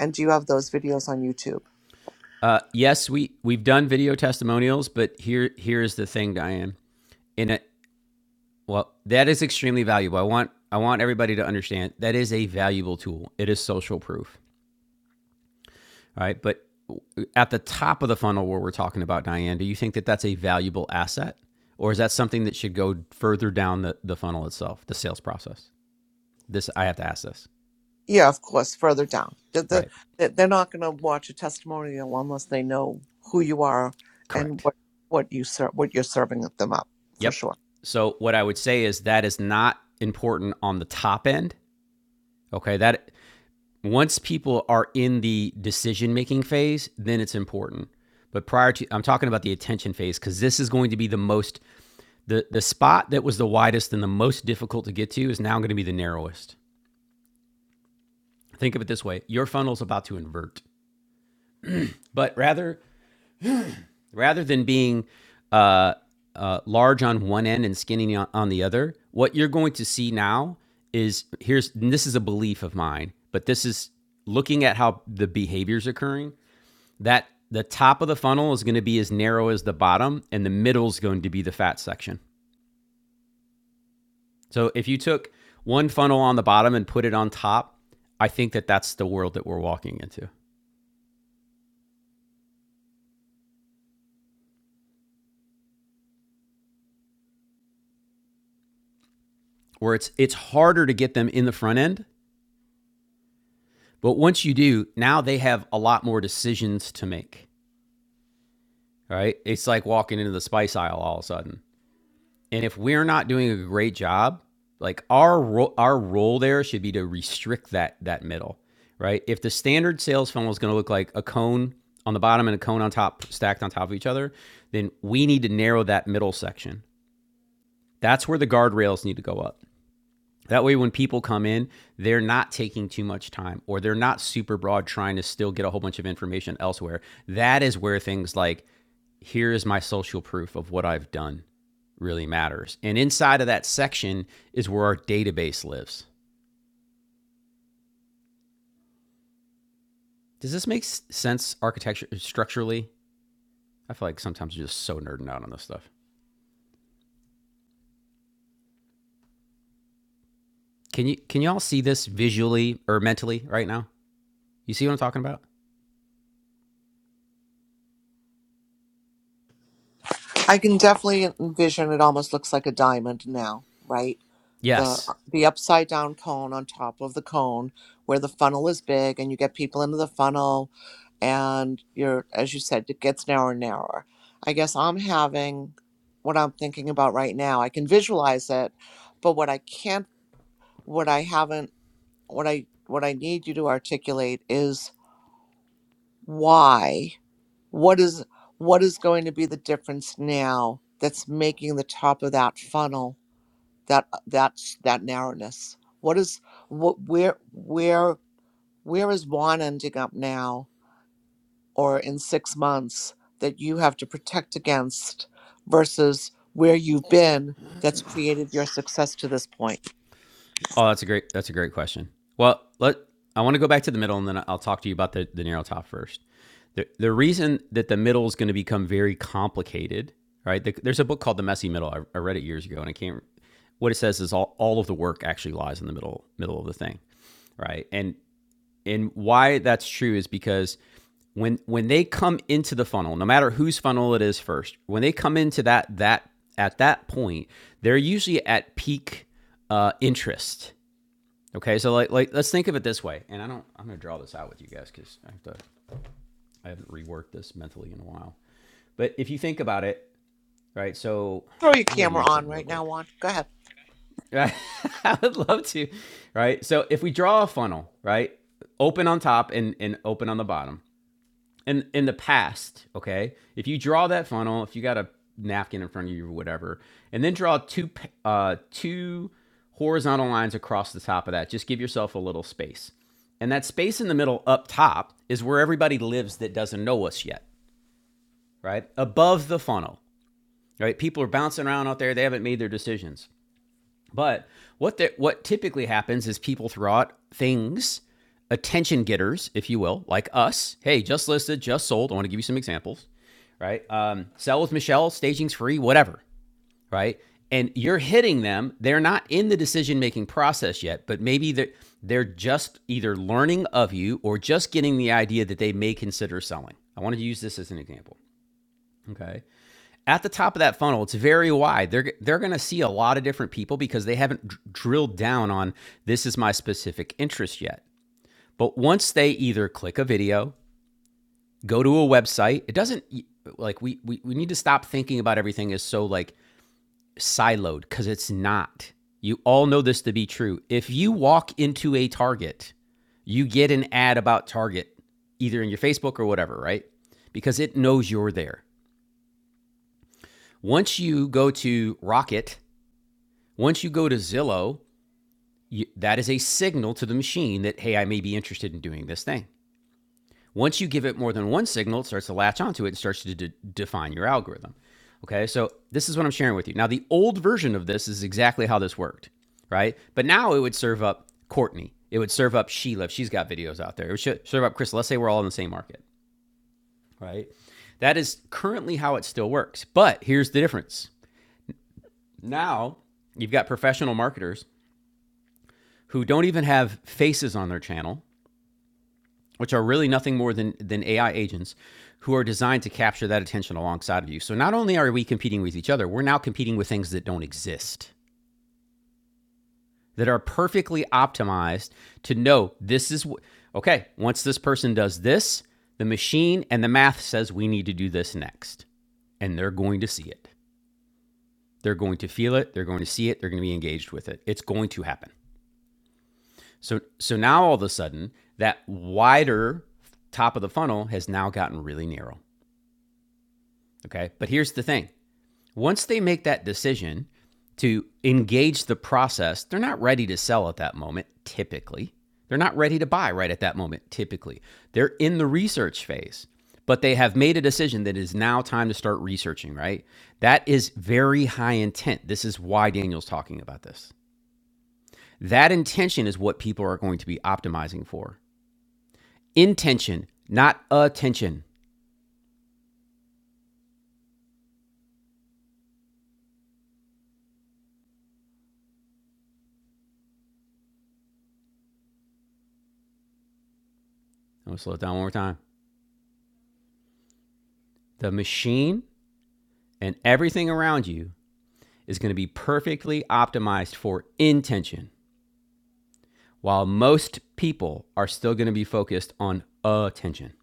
And do you have those videos on YouTube? Uh, yes, we we've done video testimonials, but here here is the thing, Diane. In a well, that is extremely valuable. I want I want everybody to understand that is a valuable tool. It is social proof, all right? But at the top of the funnel where we're talking about Diane, do you think that that's a valuable asset, or is that something that should go further down the the funnel itself, the sales process? This I have to ask this, Yeah, of course, further down. The- the- right? they- They're not going to watch a testimonial unless they know who you are and Correct. what, what, you ser- what you're serving them up, for Yep. sure. So what I would say is that is not important on the top end. Okay, that once people are in the decision making phase, then it's important. But prior to, I'm talking about the attention phase because this is going to be the most, the, the spot that was the widest and the most difficult to get to is now going to be the narrowest. Think of it this way your funnel's about to invert. But rather, rather than being uh, uh, large on one end and skinny on, on the other, what you're going to see now is here's, and this is a belief of mine, but this is looking at how the behavior's occurring that the top of the funnel is going to be as narrow as the bottom, and the middle is going to be the fat section. So if you took one funnel on the bottom and put it on top, I think that that's the world that we're walking into, where it's it's harder to get them in the front end, but once you do, now they have a lot more decisions to make. Right? It's like walking into the spice aisle all of a sudden. And if we're not doing a great job, like our ro- our role there should be to restrict that that middle, right? If the standard sales funnel is going to look like a cone on the bottom and a cone on top stacked on top of each other, then we need to narrow that middle section. That's where the guardrails need to go up. That way when people come in, they're not taking too much time or they're not super broad trying to still get a whole bunch of information elsewhere. That is where things like here is my social proof of what I've done really matters. And inside of that section is where our database lives. Does this make sense architecture structurally? I feel like sometimes you're just so nerding out on this stuff. Can you can you all see this visually or mentally right now? You see what I'm talking about? I can definitely envision it almost looks like a diamond now, right? the Yes. uh, the upside down cone on top of the cone where the funnel is big and you get people into the funnel and you're as you said it gets narrower and narrower i guess i'm having what i'm thinking about right now i can visualize it but what i can't what i haven't what i what i need you to articulate is why what is what is going to be the difference now that's making the top of that funnel that uh, that's that narrowness what is what where where where is juan ending up now or in six months that you have to protect against versus where you've been that's created your success to this point Oh, that's a great that's a great question. Well, let I want to go back to the middle, and then I'll talk to you about the the narrow top first. The the reason that the middle is going to become very complicated, right? The, there's a book called The Messy Middle. I, I read it years ago, and I can't. What it says is all, all of the work actually lies in the middle middle of the thing, right? And and why that's true is because when when they come into the funnel no matter whose funnel it is first when they come into that that at that point they're usually at peak uh, interest Okay, so like, like let's think of it this way, and I don't I'm gonna draw this out with you guys because I have to I haven't reworked this mentally in a while. But if you think about it, right? So throw your I'm gonna camera do on something real right now quick. juan go ahead (laughs) I would love to, right? So if we draw a funnel, right? Open on top and and open on the bottom, in in the past, okay, if you draw that funnel, if you got a napkin in front of you or whatever, and then draw two uh, two horizontal lines across the top of that, just give yourself a little space. And that space in the middle up top is where everybody lives that doesn't know us yet, right? Above the funnel, right? People are bouncing around out there; they haven't made their decisions. But what the, what typically happens is people throw out things, attention getters, if you will, like us. Hey, just listed, just sold. I want to give you some examples, right? Um, sell with Michelle, staging's free, whatever, right? And you're hitting them. They're not in the decision making process yet, but maybe they're, they're just either learning of you or just getting the idea that they may consider selling. I wanted to use this as an example. Okay at the top of that funnel it's very wide they're they're going to see a lot of different people because they haven't dr- drilled down on this is my specific interest yet but once they either click a video go to a website it doesn't like we we, we need to stop thinking about everything as so like siloed because it's not you all know this to be true if you walk into a target you get an ad about target either in your facebook or whatever right because it knows you're there once you go to rocket Once you go to Zillow, you, that is a signal to the machine that, hey, I may be interested in doing this thing. Once you give it more than one signal, it starts to latch onto it and starts to de- define your algorithm. Okay, so this is what I'm sharing with you. Now, the old version of this is exactly how this worked, right? But now it would serve up Courtney. It would serve up Sheila. if She's got videos out there. It would serve up Chris. Let's say we're all in the same market, right? That is currently how it still works. But here's the difference. Now you've got professional marketers who don't even have faces on their channel, which are really nothing more than, than AI agents who are designed to capture that attention alongside of you. So not only are we competing with each other, we're now competing with things that don't exist, that are perfectly optimized to know this is okay, once this person does this, the machine and the math says we need to do this next. And they're going to see it. They're going to feel it, they're going to see it, they're going to be engaged with it. It's going to happen. So so now all of a sudden that wider top of the funnel has now gotten really narrow. Okay? But here's the thing. Once they make that decision to engage the process, they're not ready to sell at that moment typically. They're not ready to buy right at that moment typically. They're in the research phase, but they have made a decision that it is now time to start researching, right? That is very high intent. This is why Daniel's talking about this. That intention is what people are going to be optimizing for. intention, not attention. I'm gonna slow it down one more time. The machine and everything around you is gonna be perfectly optimized for intention, while most people are still gonna be focused on attention.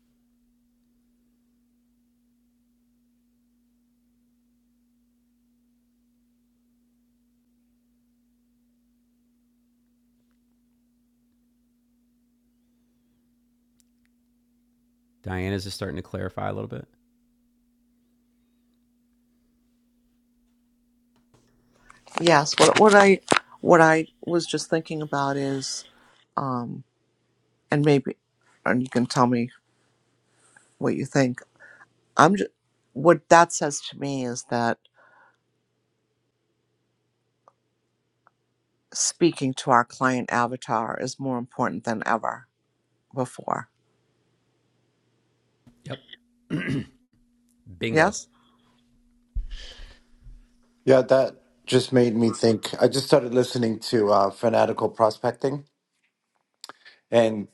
Diana's just starting to clarify a little bit. yes what, what i what i was just thinking about is um and maybe and you can tell me what you think i'm just what that says to me is that speaking to our client avatar is more important than ever before. Yep. Bingo. Yes? Yeah, that just made me think. I just started listening to uh, Fanatical Prospecting, and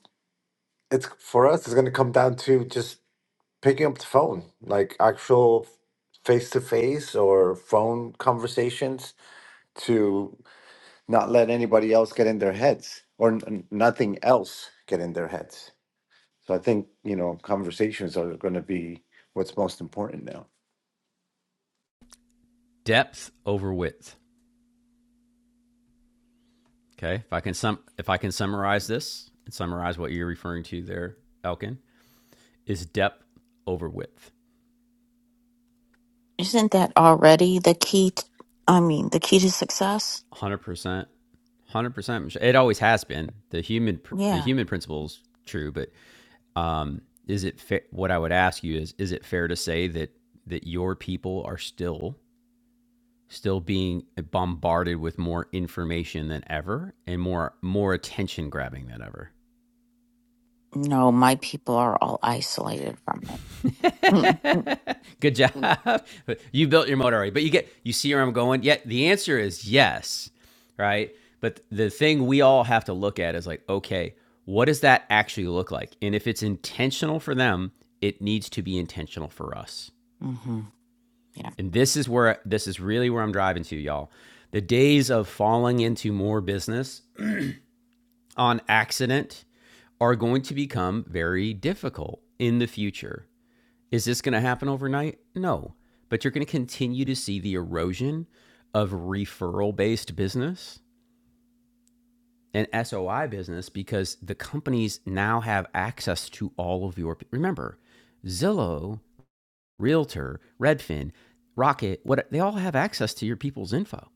it's for us, it's going to come down to just picking up the phone, like actual face to face or phone conversations to not let anybody else get in their heads or n- nothing else get in their heads. So I think, you know, conversations are going to be what's most important now. Depth over width. Okay. If I can sum if I can summarize this and summarize what you're referring to there, Elkin, is depth over width. Isn't that already the key? T- I mean, the key to success? one Hundred percent, one hundred percent. It always has been the human. The Yeah. human principle is true, but um, is it fa- what I would ask you is is it fair to say that that your people are still still being bombarded with more information than ever and more more attention grabbing than ever? No, my people are all isolated from it. (laughs) (laughs) Good Hmm. job. You built your motor already, but you get you see where I'm going. Yet the answer is yes, right? But the thing we all have to look at is like, okay, what does that actually look like? And if it's intentional for them, it needs to be intentional for us. hmm Yeah. And this is where this is really where I'm driving to, y'all. The days of falling into more business on accident are going to become very difficult in the future Is this going to happen overnight? No. But you're going to continue to see the erosion of referral based business and SOI business because the companies now have access to all of your. Remember, Zillow, Realtor, Redfin, Rocket, what they all have access to your people's info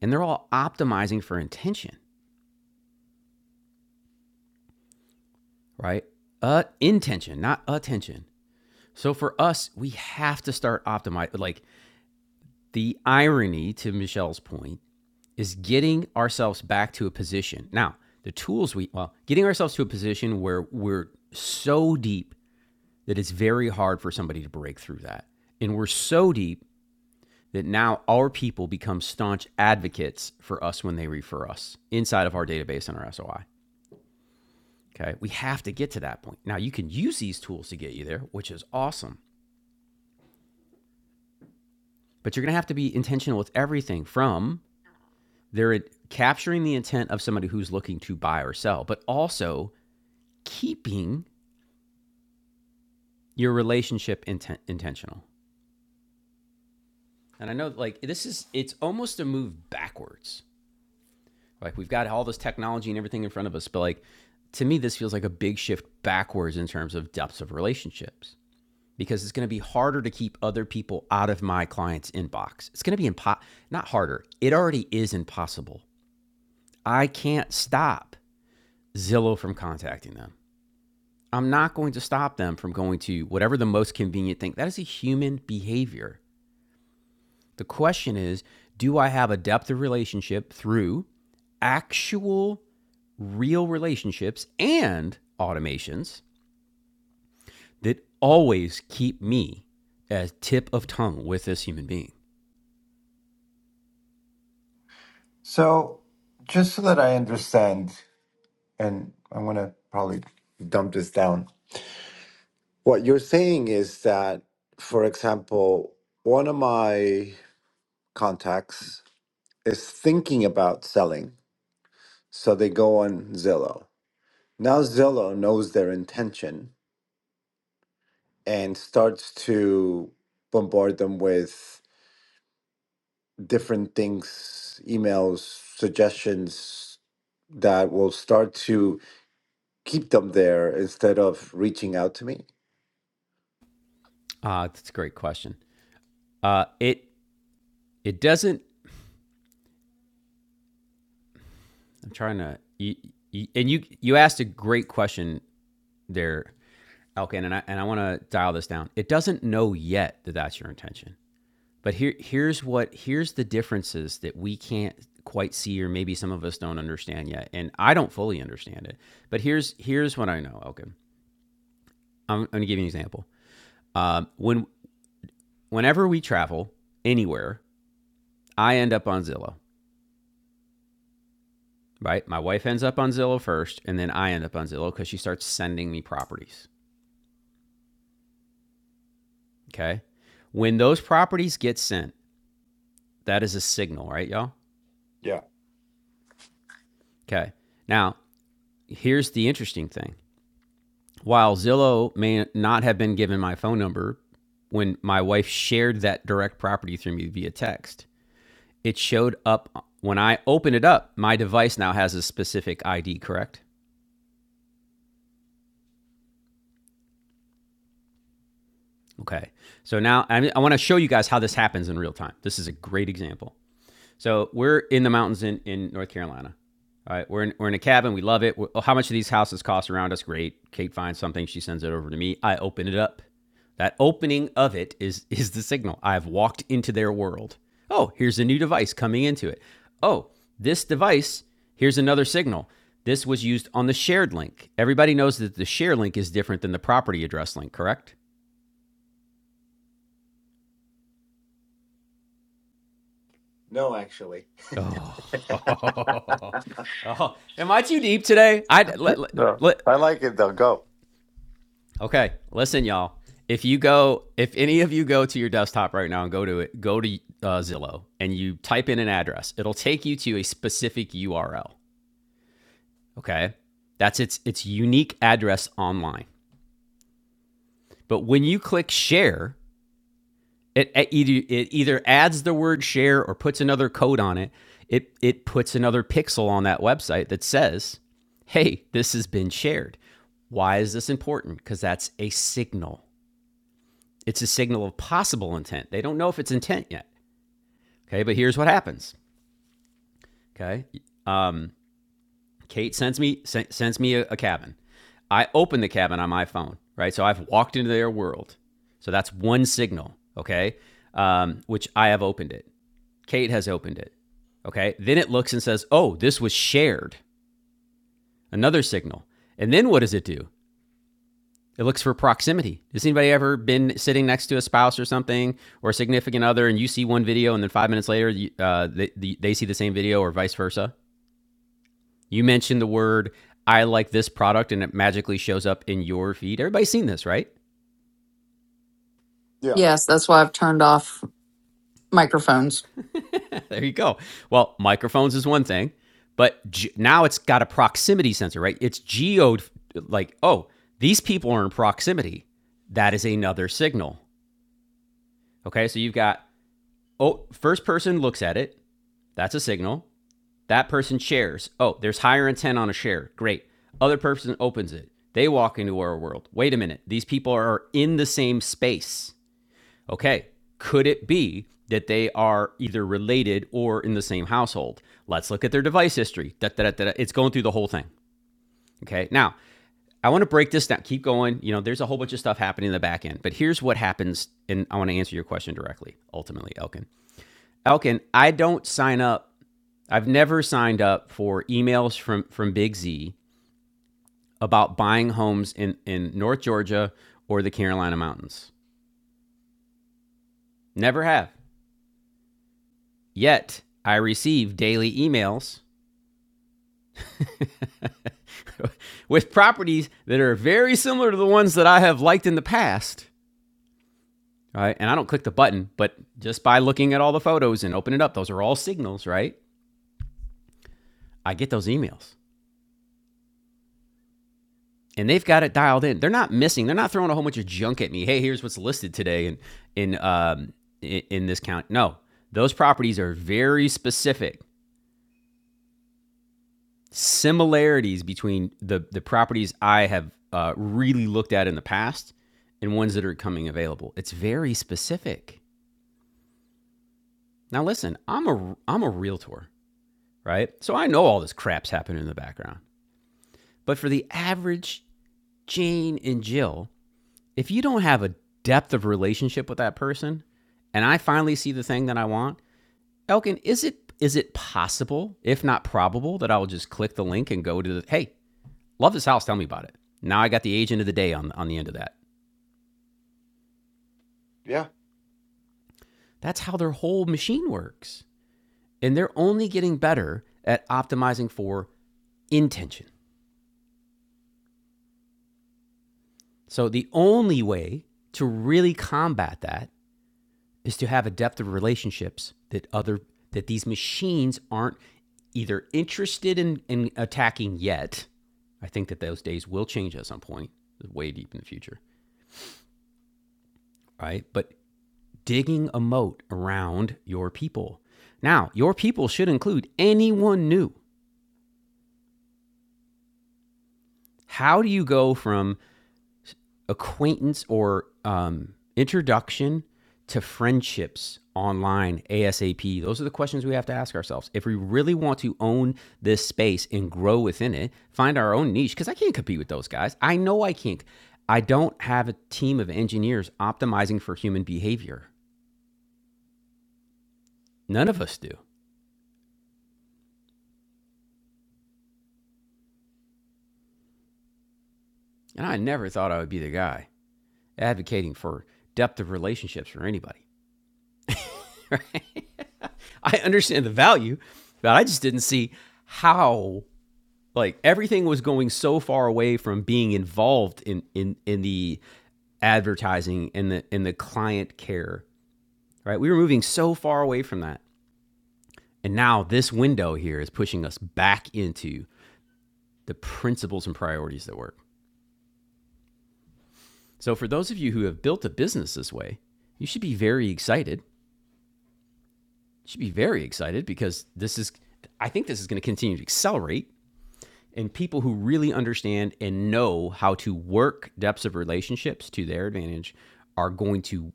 and they're all optimizing for intention, right? Uh, intention, not attention. So for us, we have to start optimizing. Like the irony to Michelle's point is getting ourselves back to a position. Now, the tools we, well, getting ourselves to a position where we're so deep that it's very hard for somebody to break through that. And we're so deep that now our people become staunch advocates for us when they refer us inside of our database and our SOI. Okay. We have to get to that point. Now, you can use these tools to get you there, which is awesome, but you're going to have to be intentional with everything from they're capturing the intent of somebody who's looking to buy or sell, but also keeping your relationship inten- intentional. And I know, like, this is, it's almost a move backwards. Like, we've got all this technology and everything in front of us, but like, to me, this feels like a big shift backwards in terms of depths of relationships because it's going to be harder to keep other people out of my client's inbox. It's going to be impo- not harder, it already is impossible. I can't stop Zillow from contacting them. I'm not going to stop them from going to whatever the most convenient thing. That is a human behavior. The question is do I have a depth of relationship through actual real relationships and automations that always keep me as tip of tongue with this human being? So just so that I understand, and I'm going to probably dump this down What you're saying is that, for example, one of my contacts is thinking about selling. So they go on Zillow. Now Zillow knows their intention and starts to bombard them with different things, emails, suggestions that will start to keep them there instead of reaching out to me. Ah, uh, that's a great question. Uh, it it doesn't. I'm trying to. You, you, and you you asked a great question there, Elkin, and I and I want to dial this down. It doesn't know yet that that's your intention. But here, here's what here's the differences that we can't quite see, or maybe some of us don't understand yet, and I don't fully understand it. But here's here's what I know. Okay, I'm, I'm gonna give you an example. Um, when whenever we travel anywhere, I end up on Zillow. Right, my wife ends up on Zillow first, and then I end up on Zillow because she starts sending me properties. Okay, when those properties get sent, that is a signal, right, y'all? Yeah. Okay. Now, here's the interesting thing. While Zillow may not have been given my phone number when my wife shared that direct property through me via text, it showed up when I opened it up. My device now has a specific ID, correct? Okay. So now I, I want to show you guys how this happens in real time. This is a great example. So we're in the mountains in, in North Carolina. All right, we're in, we're in a cabin. We love it. we how much do these houses cost around us? Great. Kate finds something. She sends it over to me. I open it up. That opening of it is (laughs) is the signal. I've walked into their world. Oh, here's a new device coming into it. Oh, this device. Here's another signal. This was used on the shared link. Everybody knows that the share link is different than the property address link, correct? No, actually. Oh, (laughs) oh, am I too deep today? I let, let, No. let, I like it though. Go. Okay, listen, y'all. If you go, if any of you go to your desktop right now and go to it, go to uh, Zillow and you type in an address, it'll take you to a specific URL. Okay, that's its its unique address online. But when you click share, it, it either it either adds the word share or puts another code on it. It it puts another pixel on that website that says, "Hey, this has been shared." Why is this important? Because that's a signal. It's a signal of possible intent. They don't know if it's intent yet. Okay, but here's what happens. Okay, um, Kate sends me sen- sends me a, a cabin. I open the cabin on my phone. Right, so I've walked into their world. So that's one signal. Okay, um, which I have opened it. Kate has opened it. Okay, then it looks and says, "Oh, this was shared." Another signal. And then what does it do? It looks for proximity. Has anybody ever been sitting next to a spouse or something or a significant other and you see one video and then five minutes later uh, they, they see the same video or vice versa? You mentioned the word, I like this product and it magically shows up in your feed. Everybody's seen this, right? Yeah. Yes, that's why I've turned off microphones. (laughs) there you go. Well, microphones is one thing, but ge- now it's got a proximity sensor, right? It's geoed like, oh, these people are in proximity. That is another signal. Okay, so you've got, oh, first person looks at it. That's a signal. That person shares. Oh, there's higher intent on a share. Great. Other person opens it. They walk into our world. Wait a minute. These people are in the same space. Okay. Could it be that they are either related or in the same household? Let's look at their device history. Da, da, da, da. da. It's going through the whole thing. Okay. Now, I want to break this down. Keep going. You know, there's a whole bunch of stuff happening in the back end, but here's what happens. And I want to answer your question directly, ultimately, Elkin. Elkin, I don't sign up I've never signed up for emails from from Big Z about buying homes in in North Georgia or the Carolina Mountains. Never have. Yet I receive daily emails (laughs) with properties that are very similar to the ones that I have liked in the past. Right? And I don't click the button, but just by looking at all the photos and open it up, those are all signals, right? I get those emails. and they've got it dialed in. They're not missing. They're not throwing a whole bunch of junk at me. Hey, here's what's listed today in in um, in, in this count. No, those properties are very specific. Similarities between the the properties I have uh, really looked at in the past and ones that are coming available. It's very specific. Now listen, I'm a I'm a realtor, right? So I know all this crap's happening in the background. But for the average Jane and Jill, if you don't have a depth of relationship with that person, and I finally see the thing that I want, Elkin, is it is it possible, if not probable, that I will just click the link and go to the hey, love this house, tell me about it. Now I got the agent of the day on on the end of that. Yeah. That's how their whole machine works. And they're only getting better at optimizing for intention. So the only way to really combat that is to have a depth of relationships that other that these machines aren't either interested in, in attacking yet. I think that those days will change at some point, way deep in the future, right? But digging a moat around your people. Now, your people should include anyone new. How do you go from acquaintance or um, introduction to friendships online ASAP? Those are the questions we have to ask ourselves. If we really want to own this space and grow within it, find our own niche, because I can't compete with those guys. I know I can't. I don't have a team of engineers optimizing for human behavior. None of us do. And I never thought I would be the guy advocating for depth of relationships for anybody. I understand the value, but I just didn't see how like everything was going so far away from being involved in in in the advertising and the in the client care right we were moving so far away from that and now this window here is pushing us back into the principles and priorities that work so for those of you who have built a business this way you should be very excited you should be very excited because this is i think this is going to continue to accelerate and people who really understand and know how to work depths of relationships to their advantage are going to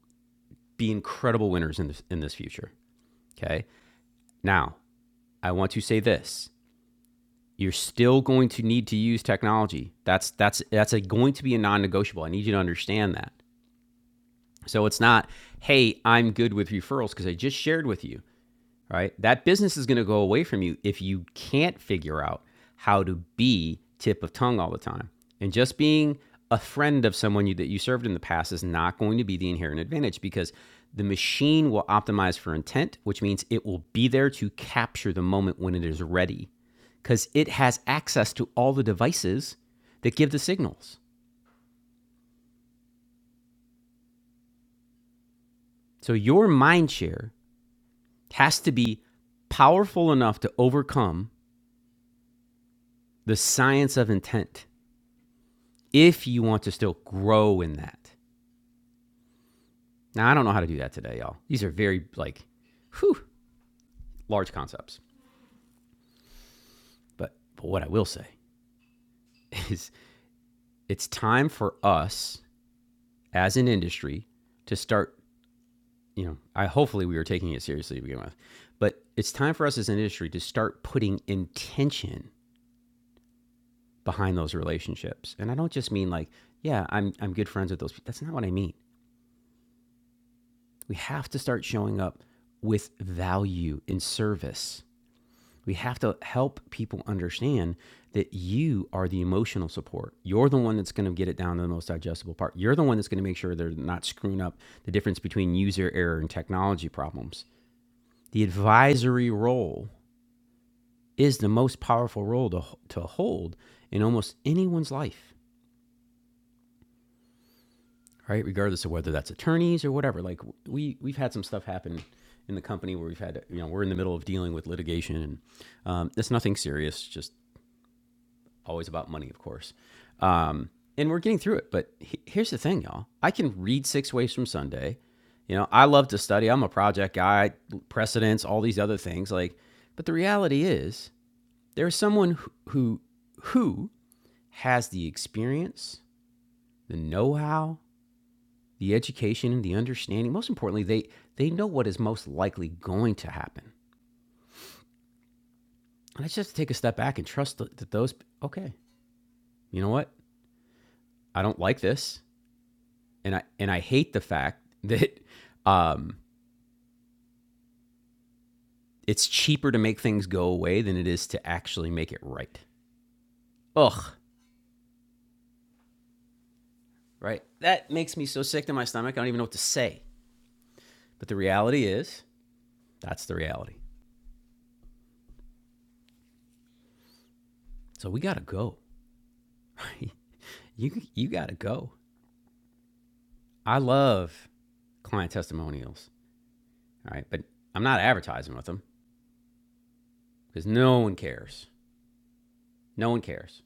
be incredible winners in this in this future. Okay. Now, I want to say this. You're still going to need to use technology. That's that's that's a, going to be a non-negotiable. I need you to understand that. So it's not, hey, I'm good with referrals because I just shared with you right? That business is going to go away from you if you can't figure out how to be tip of tongue all the time. And just being a friend of someone you, that you served in the past is not going to be the inherent advantage because the machine will optimize for intent, which means it will be there to capture the moment when it is ready because it has access to all the devices that give the signals. So your mind share has to be powerful enough to overcome the science of intent if you want to still grow in that. Now, I don't know how to do that today, y'all. These are very like, whew, large concepts. But but what I will say (laughs) is, it's time for us as an industry to start. You know, I hopefully we were taking it seriously to begin with, but it's time for us as an industry to start putting intention behind those relationships. And I don't just mean like, yeah, I'm I'm good friends with those people. That's not what I mean. We have to start showing up with value in service We have to help people understand that you are the emotional support. You're the one that's going to get it down to the most digestible part. You're the one that's going to make sure they're not screwing up the difference between user error and technology problems. The advisory role is the most powerful role to, to hold in almost anyone's life, right? Regardless of whether that's attorneys or whatever. Like we we've had some stuff happen in the company where we've had you know we're in the middle of dealing with litigation and um, it's nothing serious, just always about money, of course. Um, and we're getting through it. But he- here's the thing, y'all. I can read Six Ways from Sunday. You know, I love to study. I'm a project guy, precedents, all these other things. Like, but the reality is, there's someone who who, who has the experience, the know-how, the education, and the understanding. Most importantly, they they know what is most likely going to happen. And I just have to take a step back and trust that that those. Okay, you know what? I don't like this. and I and I hate the fact (laughs) that um, it's cheaper to make things go away than it is to actually make it right. Ugh, right? That makes me so sick to my stomach. I don't even know what to say. But the reality is, that's the reality. So we gotta go. (laughs) you you gotta go. I love client testimonials. All right, but I'm not advertising with them because no one cares. No one cares.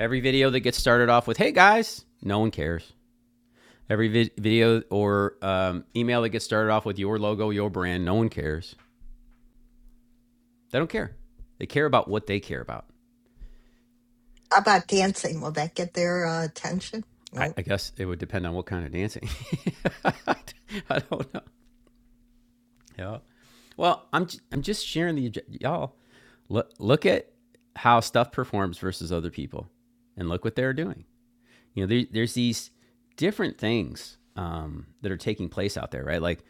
Every video that gets started off with "Hey guys," no one cares. Every vi- video or um, email that gets started off with your logo, your brand, no one cares. They don't care. They care about what they care about. How about dancing? Will that get their uh, attention? I, No. I guess it would depend on what kind of dancing. (laughs) I don't know. Yeah. Well, I'm j- I'm just sharing the y'all. Look look at how stuff performs versus other people, and look what they're doing. You know, there, there's these different things um, that are taking place out there, right? Like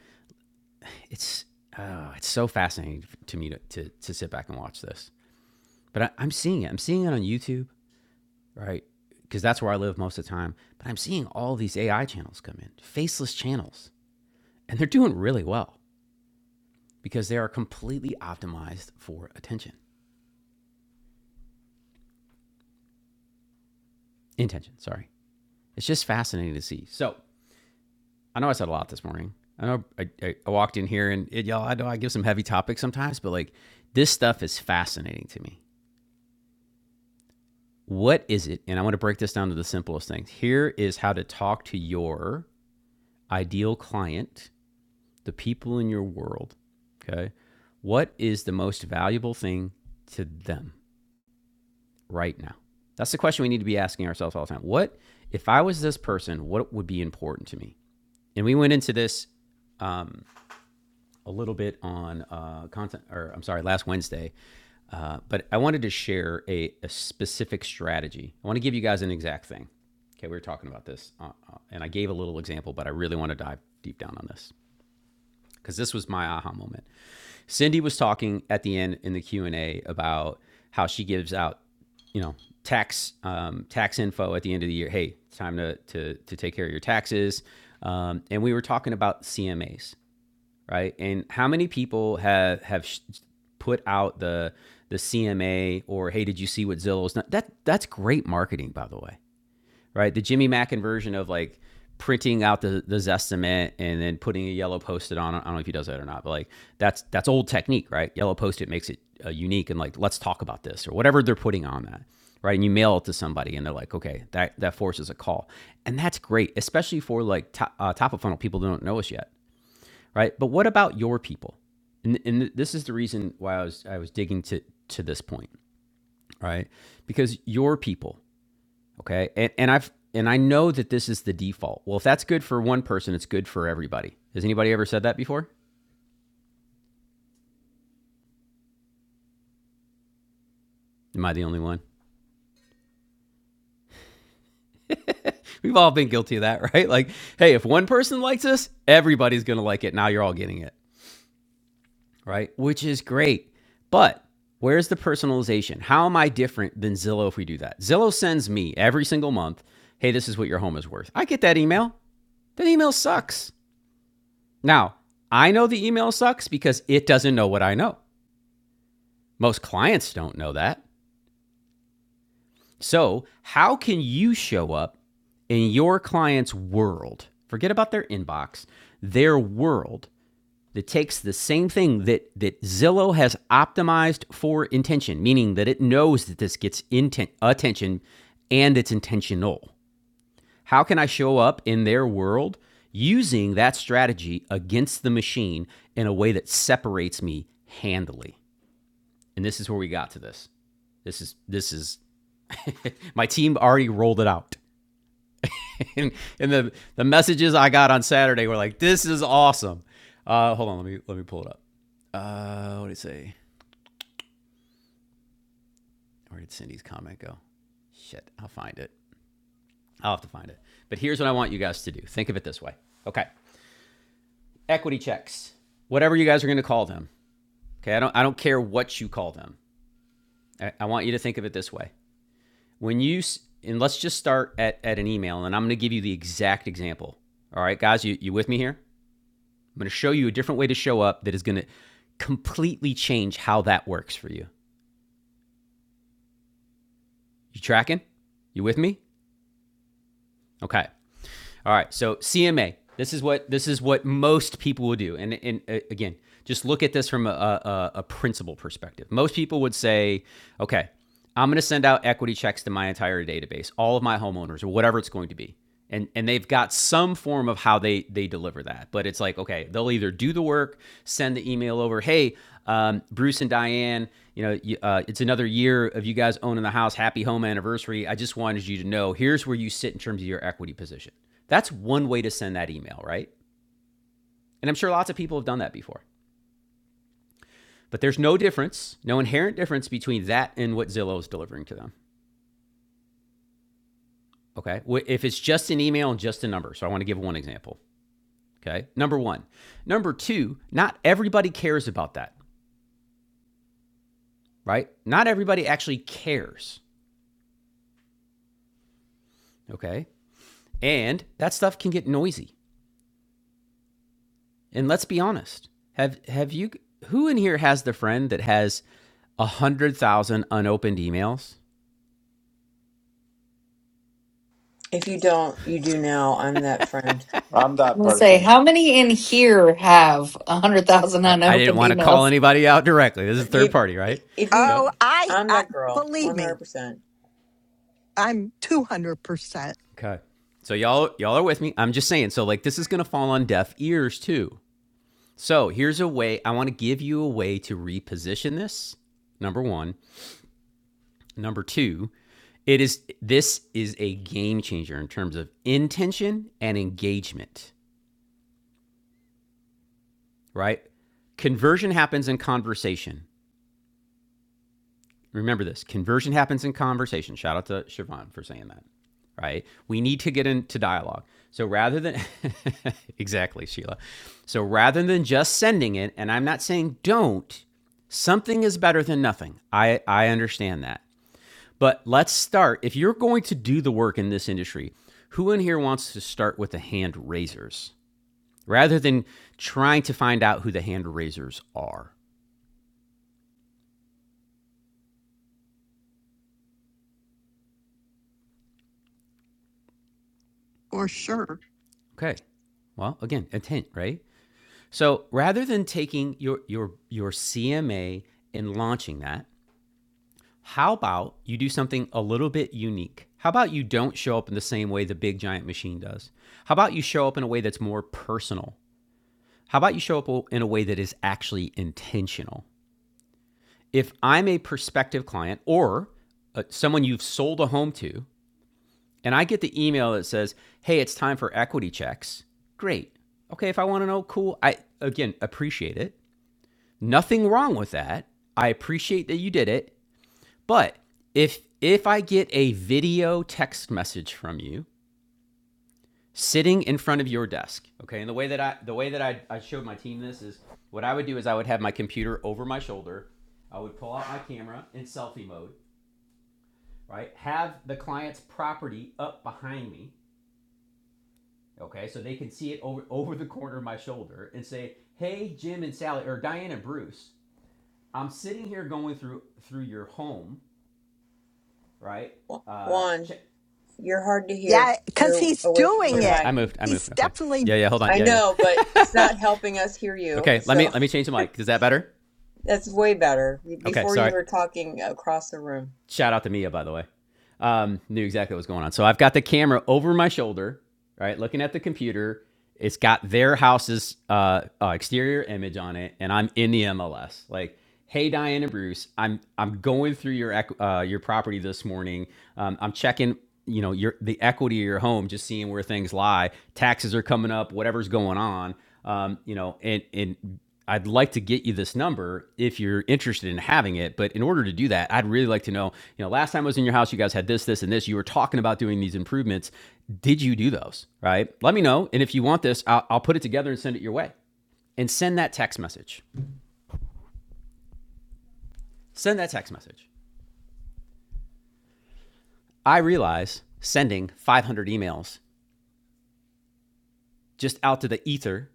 it's oh, it's so fascinating to me to, to to sit back and watch this. But I, I'm seeing it. I'm seeing it on YouTube, right? Because that's where I live most of the time. But I'm seeing all these AI channels come in, faceless channels, and they're doing really well because they are completely optimized for attention, intention. Sorry, it's just fascinating to see. So I know I said a lot this morning. I know I, I, I walked in here and it, y'all. I know I give some heavy topics sometimes, but like this stuff is fascinating to me. What is it? And I want to break this down to the simplest things. Here is how to talk to your ideal client the people in your world, okay, what is the most valuable thing to them right now? That's the question we need to be asking ourselves all the time. What, if I was this person, what would be important to me? And we went into this a little bit on uh, content, or I'm sorry, last Wednesday, uh, but I wanted to share a, a specific strategy. I want to give you guys an exact thing. Okay, we were talking about this, uh, uh, and I gave a little example, but I really want to dive deep down on this. because this was my aha moment. Cindy was talking at the end in the Q and A about how she gives out, you know, tax um, tax info at the end of the year. Hey, it's time to to to take care of your taxes. Um, and we were talking about CMAs, right? And how many people have have put out the the CMA or hey, did you see what Zillow's? Not? That that's great marketing, by the way right? The Jimmy Mackin version of like printing out the the Zestimate and then putting a yellow post-it on. I don't know if he does that or not, but like that's that's old technique, right? Yellow post-it makes it uh, unique and like let's talk about this or whatever they're putting on that, right? And you mail it to somebody and they're like, okay, that that forces a call, and that's great, especially for like to, uh, top of funnel people that don't know us yet, right? But what about your people? And, and this is the reason why I was I was digging to to this point, right? Because your people Okay. And, and I've, and I know that this is the default. Well, if that's good for one person, it's good for everybody. Has anybody ever said that before? Am I the only one? We've all been guilty of that, (laughs) right? Like, hey, if one person likes this, everybody's going to like it. Now you're all getting it, right? Which is great. But where's the personalization? How am I different than Zillow if we do that? Zillow sends me every single month, hey, this is what your home is worth. I get that email. That email sucks. Now, I know the email sucks because it doesn't know what I know. Most clients don't know that. So, how can you show up in your client's world? Forget about their inbox, their world that takes the same thing that that Zillow has optimized for intention, meaning that it knows that this gets inten- attention and it's intentional. How can I show up in their world using that strategy against the machine in a way that separates me handily? And this is where we got to this. This is this is (laughs) my team already rolled it out. (laughs) and, and the the messages I got on Saturday were like, "This is awesome." Uh, hold on, let me let me pull it up. Uh, what did it say? Where did Cindy's comment go? Shit, I'll find it. I'll have to find it. But here's what I want you guys to do. Think of it this way. Okay, equity checks, whatever you guys are going to call them. Okay, I don't I don't care what you call them. I, I want you to think of it this way. When you and let's just start at, at an email, and I'm going to give you the exact example. All right, guys, you, you with me here? I'm going to show you a different way to show up that is going to completely change how that works for you. You tracking? You with me? Okay. All right, so CMA. This is what this is what most people will do, and and uh, again, just look at this from a, a, a principal perspective. Most people would say, okay, I'm going to send out equity checks to my entire database, all of my homeowners, or whatever it's going to be, and and they've got some form of how they they deliver that. But it's like, okay, they'll either do the work, send the email over, hey, um, Bruce and Diane, you know, you- uh, it's another year of you guys owning the house. Happy home anniversary. I just wanted you to know here's where you sit in terms of your equity position that's one way to send that email, right? And I'm sure lots of people have done that before. But there's no difference, no inherent difference between that and what Zillow is delivering to them. Okay. If it's just an email and just a number. So I want to give one example. Okay. Number one. Number two, not everybody cares about that, right? Not everybody actually cares. Okay. And that stuff can get noisy. And let's be honest. Have have you who in here has the friend that has a hundred thousand unopened emails? If you don't, you do now. I'm that friend. I'm I'm that gonna say, person. how many in here have a hundred thousand I, I didn't unopened want to call emails? anybody out directly. This is third You, party, right? if you, Yep. Oh, I, I'm I that girl, believe me, 100%. I'm 200% Okay. So y'all y'all are with me. I'm just saying. So like this is gonna fall on deaf ears too. So here's a way. I want to give you a way to reposition this. Number one. Number two. It is this is a game changer in terms of intention and engagement. Right. Conversion happens in conversation. Remember this conversion happens in conversation. Shout out to Siobhan for saying that, right? We need to get into dialogue. So rather than, (laughs) exactly, Sheila. So rather than just sending it, and I'm not saying don't, something is better than nothing. I, I understand that. But let's start. If you're going to do the work in this industry, who in here wants to start with the hand raisers rather than trying to find out who the hand raisers are? for sure. Okay. Well, again, intent, right? So rather than taking your your your CMA and launching that, how about you do something a little bit unique? How about you don't show up in the same way the big giant machine does? How about you show up in a way that's more personal? How about you show up in a way that is actually intentional? If I'm a prospective client or uh, someone you've sold a home to, and I get the email that says, "Hey, it's time for equity checks." Great. Okay, if I want to know, cool. I again appreciate it. Nothing wrong with that. I appreciate that you did it, but if if I get a video text message from you sitting in front of your desk, okay, and the way that I the way that I, I showed my team this is what I would do is I would have my computer over my shoulder, I would pull out my camera in selfie mode, right? Have the client's property up behind me, okay, so they can see it over over the corner of my shoulder and say, Hey Jim and Sally or Diane and Bruce, I'm sitting here going through through your home right? Uh, Juan, check. you're hard to Yeah, hear. because You're he's away from doing your Okay, it. I mic. moved. I He's moved. Okay. definitely, Yeah, yeah. Hold on. I Yeah, know, yeah. but it's not helping us hear (laughs) you. okay, let me So let me change the mic. Is that better? (laughs) that's way better. Okay, Before you sorry. were talking across the room. shout out to Mia, by the way. Um, knew exactly what was going on. So I've got the camera over my shoulder, right, looking at the computer. It's got their house's uh, uh, exterior image on it, and I'm in the MLS. Like, hey, Diane and Bruce, I'm I'm going through your uh, your property this morning. Um, I'm checking, you know, your the equity of your home, just seeing where things lie. Taxes are coming up, whatever's going on. Um, you know, and and I'd like to get you this number if you're interested in having it. But in order to do that, I'd really like to know, you know, last time I was in your house, you guys had this, this, and this. You were talking about doing these improvements. Did you do those? Right? Let me know. And if you want this, I'll, I'll put it together and send it your way. And send that text message. Send that text message. I realize sending 500 emails just out to the ether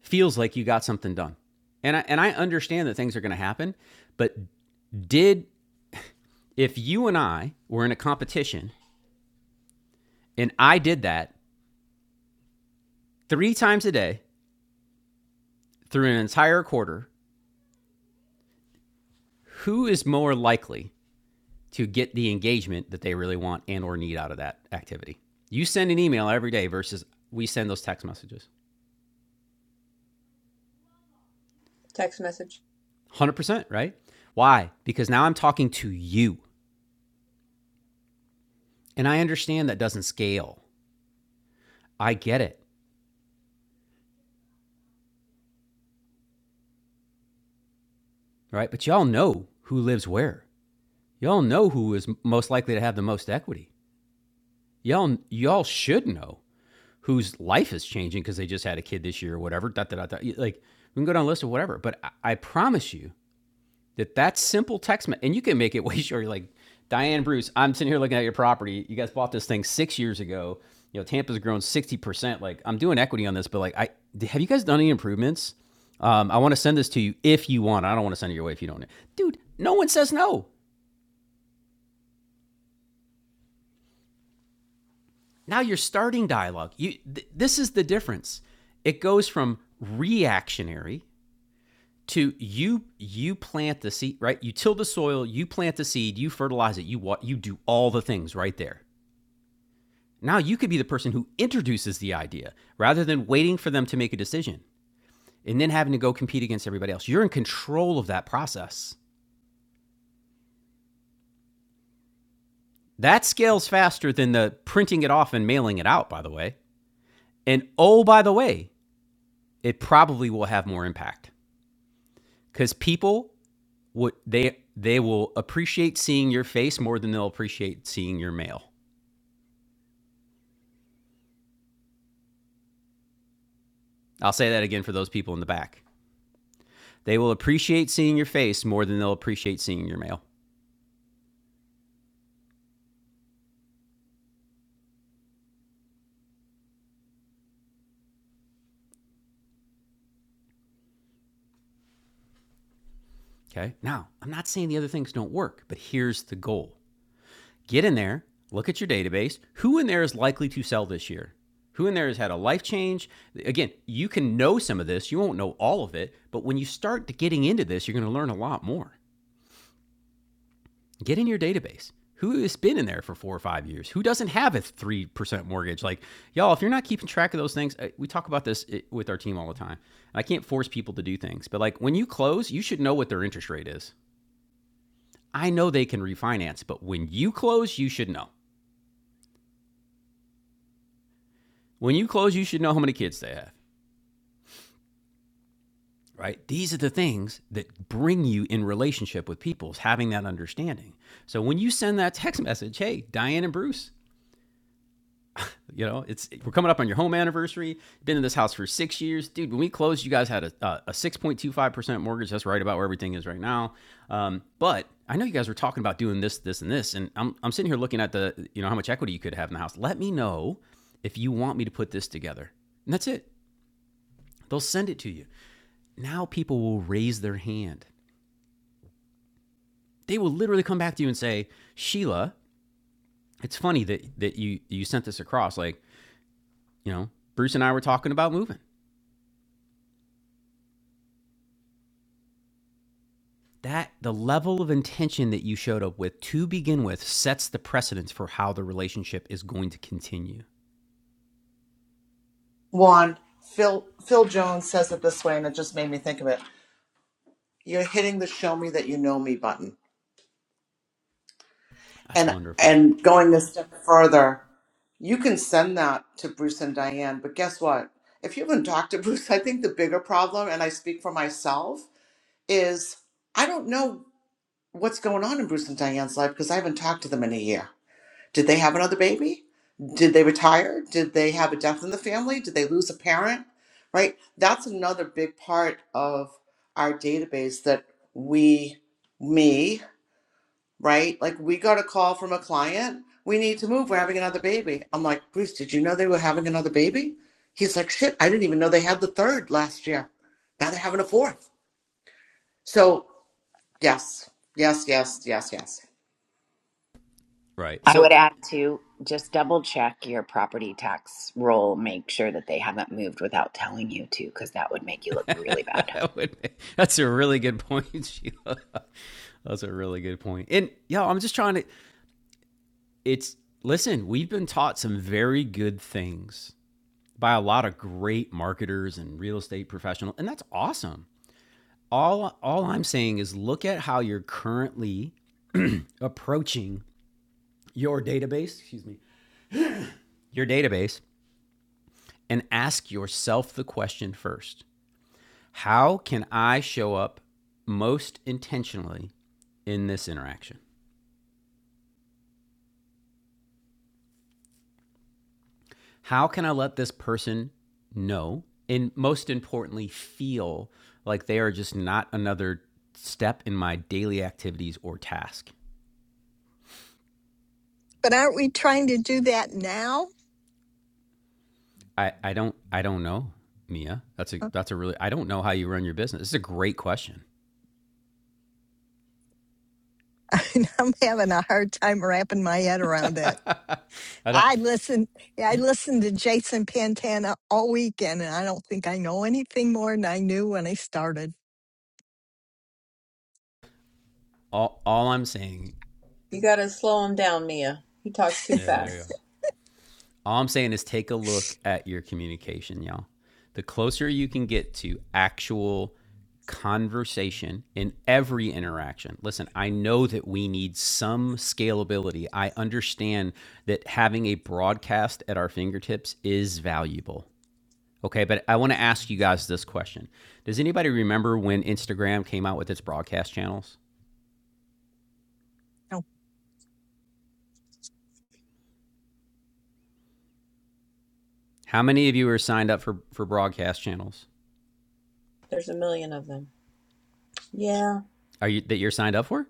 feels like you got something done. And I, and I understand that things are going to happen, but did if you and I were in a competition and I did that three times a day through an entire quarter, who is more likely to get the engagement that they really want and or need out of that activity? You send an email every day versus we send those text messages. Text message. 100%, right? Why? Because now I'm talking to you. And I understand that doesn't scale. I get it, right? But y'all know who lives where. Y'all know who is most likely to have the most equity. Y'all y'all should know whose life is changing because they just had a kid this year or whatever. Da, da, da, da. Like we can go down a list of whatever, but I, I promise you that that simple text me- and you can make it (laughs) way shorter. Like Diane Bruce, I'm sitting here looking at your property. You guys bought this thing six years ago. You know Tampa's grown sixty percent. Like I'm doing equity on this, but like I have you guys done any improvements? Um, I want to send this to you if you want. I don't want to send it your way if you don't. Dude, no one says no. Now you're starting dialogue. You, th- this is the difference. It goes from reactionary to you you plant the seed right you till the soil you plant the seed you fertilize it you wa- you do all the things right there now you could be the person who introduces the idea rather than waiting for them to make a decision and then having to go compete against everybody else you're in control of that process that scales faster than the printing it off and mailing it out by the way and oh by the way it probably will have more impact because people would they they will appreciate seeing your face more than they'll appreciate seeing your mail I'll say that again for those people in the back. They will appreciate seeing your face more than they'll appreciate seeing your mail. Okay. Now, I'm not saying the other things don't work, but here's the goal get in there, look at your database. Who in there is likely to sell this year? Who in there has had a life change? Again, you can know some of this, you won't know all of it, but when you start to getting into this, you're going to learn a lot more. get in your database. Who has been in there for four or five years? Who doesn't have a 3% mortgage? Like, y'all, if you're not keeping track of those things, uh, we talk about this uh, with our team all the time. I can't force people to do things, but like when you close, you should know what their interest rate is. I know they can refinance, but when you close, you should know. When you close, you should know how many kids they have, right? These are the things that bring you in relationship with people, is having that understanding. So when you send that text message, hey, Diane and Bruce, You know, it's we're coming up on your home anniversary. Been in this house for six years, dude. When we closed, you guys had a uh, a- six point two five percent mortgage. That's right about where everything is right now. Um, but I know you guys were talking about doing this, this, and this, and I'm I'm sitting here looking at the you know how much equity you could have in the house. Let me know if you want me to put this together, and that's it. They'll send it to you. Now people will raise their hand. They will literally come back to you and say, Sheila, it's funny that that you you sent this across. Like you know, Bruce and I were talking about moving. that the level of intention that you showed up with to begin with sets the precedence for how the relationship is going to continue. Juan, Phil Phil Jones says it this way, and it just made me think of it. You're hitting the show me that you know me button. That's And wonderful. and going a step further, you can send that to Bruce and Diane, but guess what? If you haven't talked to (laughs) Bruce, I think the bigger problem, and I speak for myself, is I don't know what's going on in Bruce and Diane's life because I haven't talked to them in a year. Did they have another baby? Did they retire? Did they have a death in the family? Did they lose a parent? Right? That's another big part of our database that we, me, right? Like we got a call from a client. We need to move. We're having another baby. I'm like, Bruce, did you know they were having another baby? He's like, shit, I didn't even know they had the third last year. Now they're having a fourth. So, yes, yes, yes, yes, yes. Right. I So would add to just double check your property tax roll. Make sure that they haven't moved without telling you to, because that would make you look really bad. (laughs) that's a really good point, (laughs) Sheila. That's a really good point. And yeah, I'm just trying to it's listen, we've been taught some very good things by a lot of great marketers and real estate professionals, and that's awesome. All all I'm saying is look at how you're currently approaching your database, excuse me your database and ask yourself the question first How can I show up most intentionally in this interaction? How can I let this person know and most importantly, feel like they are just not another step in my daily activities or task? but aren't we trying to do that now? I, I don't I don't know, (laughs) Mia. That's a that's a really I don't know how you run your business. This is a great question. I'm having a hard time wrapping my head around it. I don't I listen. yeah, I listened to Jason Pantana all weekend, and I don't think I know anything more than I knew when I started. all all I'm saying You gotta slow him down, Mia. He talks too yeah, there you go. fast. All I'm saying is take a look at your communication, y'all. The closer you can get to actual conversation in every interaction. Listen, I know that we need some scalability. I understand that having a broadcast at our fingertips is valuable. Okay, but I want to ask you guys this question. Does anybody remember when Instagram came out with its broadcast channels? How many of you are signed up for for broadcast channels? There's a million of them. Yeah, Are you that you're signed up for?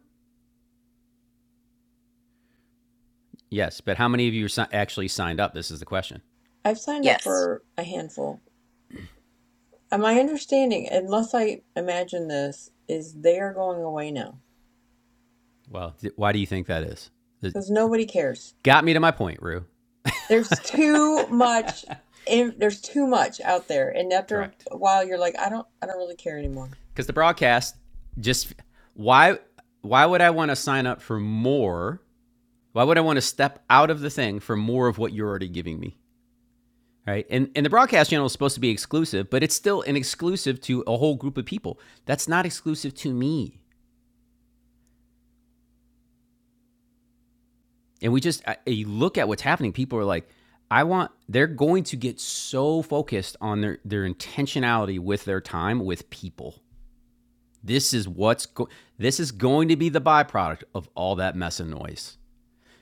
Yes, but how many of you are si- actually signed up? This is the question. I've signed up Yes. for a handful. Uh, My understanding, unless I imagine this, is they are going away now. Well, th- why do you think that is? This because nobody cares. got me to my point, Rue. There's too much. in- There's too much out there, and after Correct. a while, you're like, I don't, I don't really care anymore. Because the broadcast just why why would I want to sign up for more? Why would I want to step out of the thing for more of what you're already giving me? Right? And and the broadcast channel is supposed to be exclusive, but it's still an exclusive to a whole group of people. That's not exclusive to me. and we just I, you look at what's happening people are like i want they're going to get so focused on their their intentionality with their time with people this is what's go- this is going to be the byproduct of all that mess and noise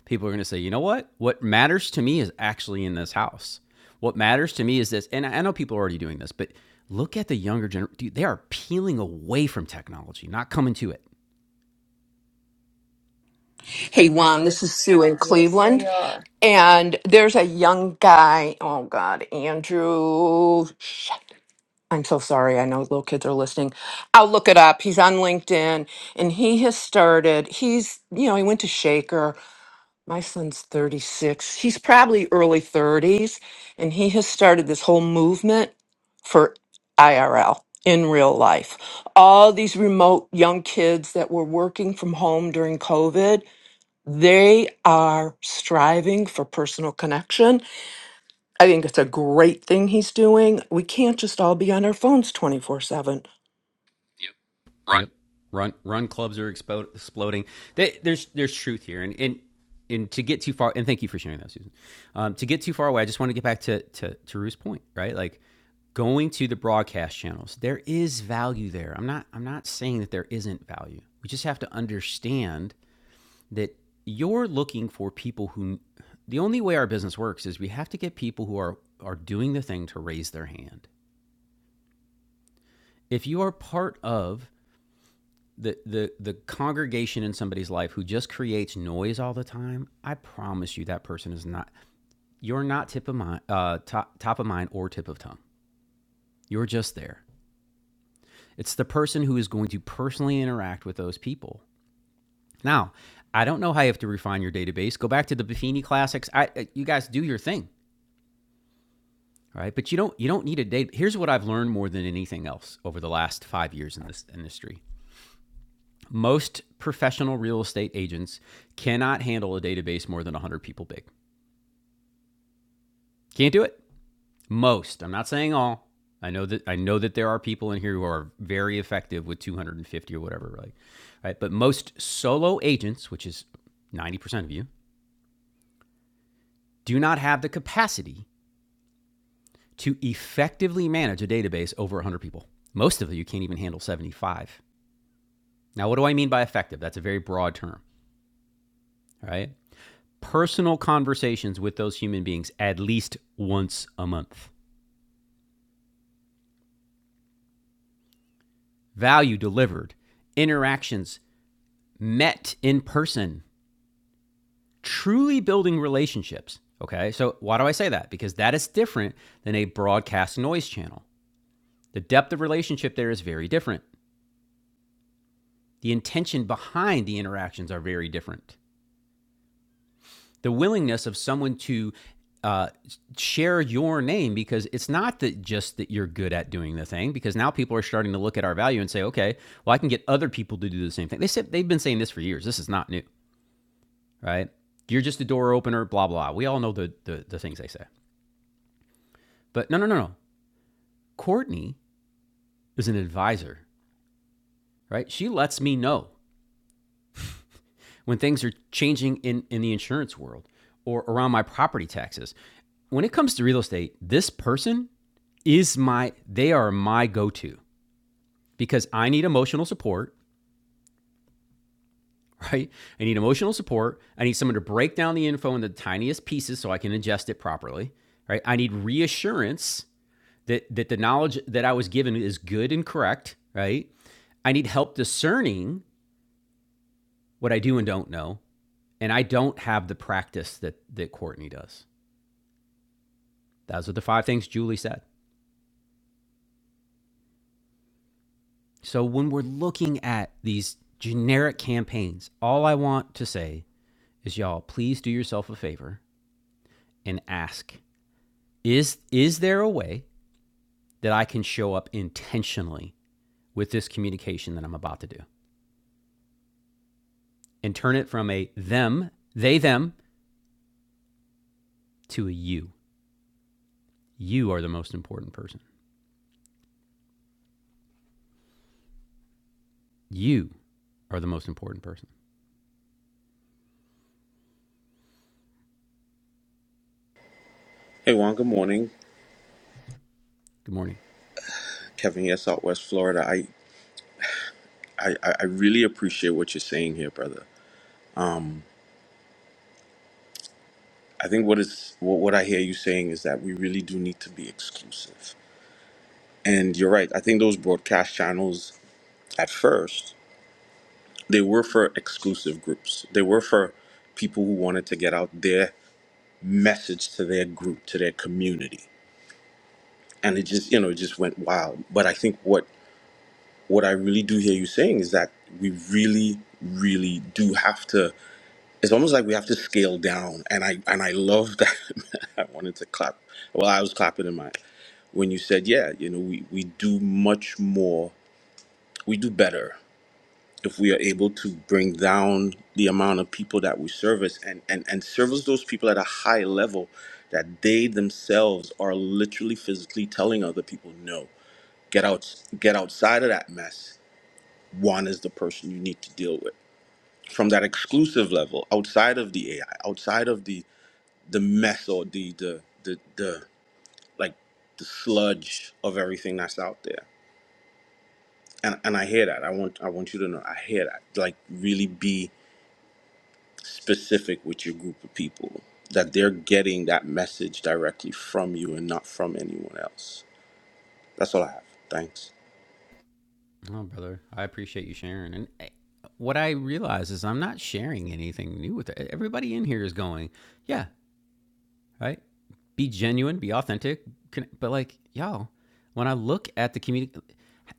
people are going to say you know what what matters to me is actually in this house what matters to me is this and i I know people are already doing this but look at the younger generation they are peeling away from technology not coming to it Hey, Juan, this is Sue in Yes, Cleveland. they are. And there's a young guy. Oh, God, Andrew. shit, I'm so sorry. I know little kids are listening. I'll look it up. He's on LinkedIn and he has started. He's, you know, he went to Shaker. My son's 36. He's probably early 30s. And he has started this whole movement for IRL in real life. All these remote young kids that were working from home during COVID they are striving for personal connection. I think it's a great thing he's doing. We can't just all be on our phones 24 7. Yep. Run run clubs are expo- exploding. They, there's there's truth here, and and and to get too far, and thank you for sharing that, Susan. Um, to get too far away, I just want to get back to to to Ruth's point, right? Like going to the broadcast channels, there is value there. I'm not I'm not saying that there isn't value. We just have to understand that you're looking for people who. The only way our business works is we have to get people who are are doing the thing to raise their hand. If you are part of the the the congregation in somebody's life who just creates noise all the time, I promise you that person is not you're not tip of mind uh, top top of mind or tip of tongue. You're just there. It's the person who is going to personally interact with those people. Now, I don't know how you have to refine your database. Go back to the Buffini classics. I uh, you guys do your thing, right But you don't you don't need a date. Here's what I've learned more than anything else over the last 5 years in this industry. Most professional real estate agents cannot handle a database more than 100 people big. Can't do it. Most. I'm not saying all. I know that I know that there are people in here who are very effective with 250 or whatever, right? Right? But most solo agents, which is 90% of you, do not have the capacity to effectively manage a database over 100 people. Most of you can't even handle 75. Now, what do I mean by effective? That's a very broad term, right? personal conversations with those human beings at least once a month. Value delivered, interactions met in person, truly building relationships. Okay, so why do I say that? Because that is different than a broadcast noise channel. The depth of relationship there is very different. The intention behind the interactions are very different. the willingness of someone to uh, share your name because it's not that just that you're good at doing the thing because now people are starting to look at our value and say okay well i can get other people to do the same thing they said they've been saying this for years this is not new right you're just a door opener blah blah we all know the, the, the things they say but no no no no courtney is an advisor right she lets me know when things are changing in in the insurance world or around my property taxes when it comes to real estate this person is my they are my go-to because I need emotional support, (laughs) right? I need emotional support. I need someone to break down the info in the tiniest pieces so I can ingest it properly, right? I need reassurance that that the knowledge that I was given is good and correct, right? I need help discerning what I do and don't know, and I don't have the practice that that Courtney does. Those are the five things Julie said. So when we're looking at these generic campaigns, all I want to say is y'all please do yourself a favor and ask is is there a way that I can show up intentionally with this communication that I'm about to do and turn it from a them, they them to a you. You are the most important person. You are the most important person. Hey Juan, good morning. Good morning. Kevin here, Southwest Florida. I, I, I I really appreciate what you're saying here, brother. I think what is what, what I hear you saying is that we really do need to be exclusive. And you're right. I think those broadcast channels at first, they were for exclusive groups. They were for people who wanted to get out their message to their group, to their community. And it just, you know, it just went wild. But I think what what I really do hear you saying is that we really, really do have to it's almost like we have to scale down and i and i love that (laughs) i wanted to clap well i was clapping in my when you said yeah you know we, we do much more we do better if we are able to bring down the amount of people that we service and and, and service those people at a high level that they themselves are literally physically telling other people no get out get outside of that mess one is the person you need to deal with from that exclusive level outside of the ai outside of the the mess or the the the, the like the sludge of everything that's out there. And and I hear that. I want I want you to know I hear that. Like really be specific with your group of people that they're getting that message directly from you and not from anyone else. That's all I have. Thanks. Oh, brother, I appreciate you sharing. And eh, what I realize is I'm not sharing anything new with it. Everybody in here is going, yeah, right? Be genuine, be authentic. But like, y'all, when I look at the community,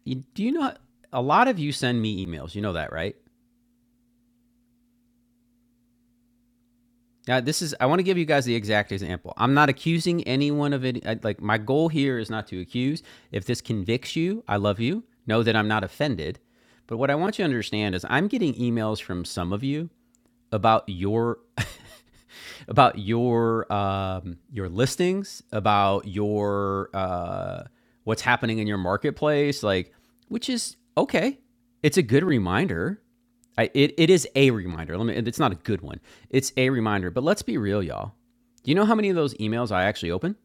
do you know a lot of you send me emails? You know that, right? Now, this is I want to give you guys the exact example. I'm not accusing anyone of it. Like, my goal here is not to accuse. If this convicts you, I love you. Know that I'm not offended. But what I want you to understand is I'm getting emails from some of you about your (laughs) about your um, your listings, about your uh, what's happening in your marketplace, like which is okay. It's a good reminder. I, it, it is a reminder. Let me. It's not a good one. It's a reminder. But let's be real, y'all. Do you know how many of those emails I actually open?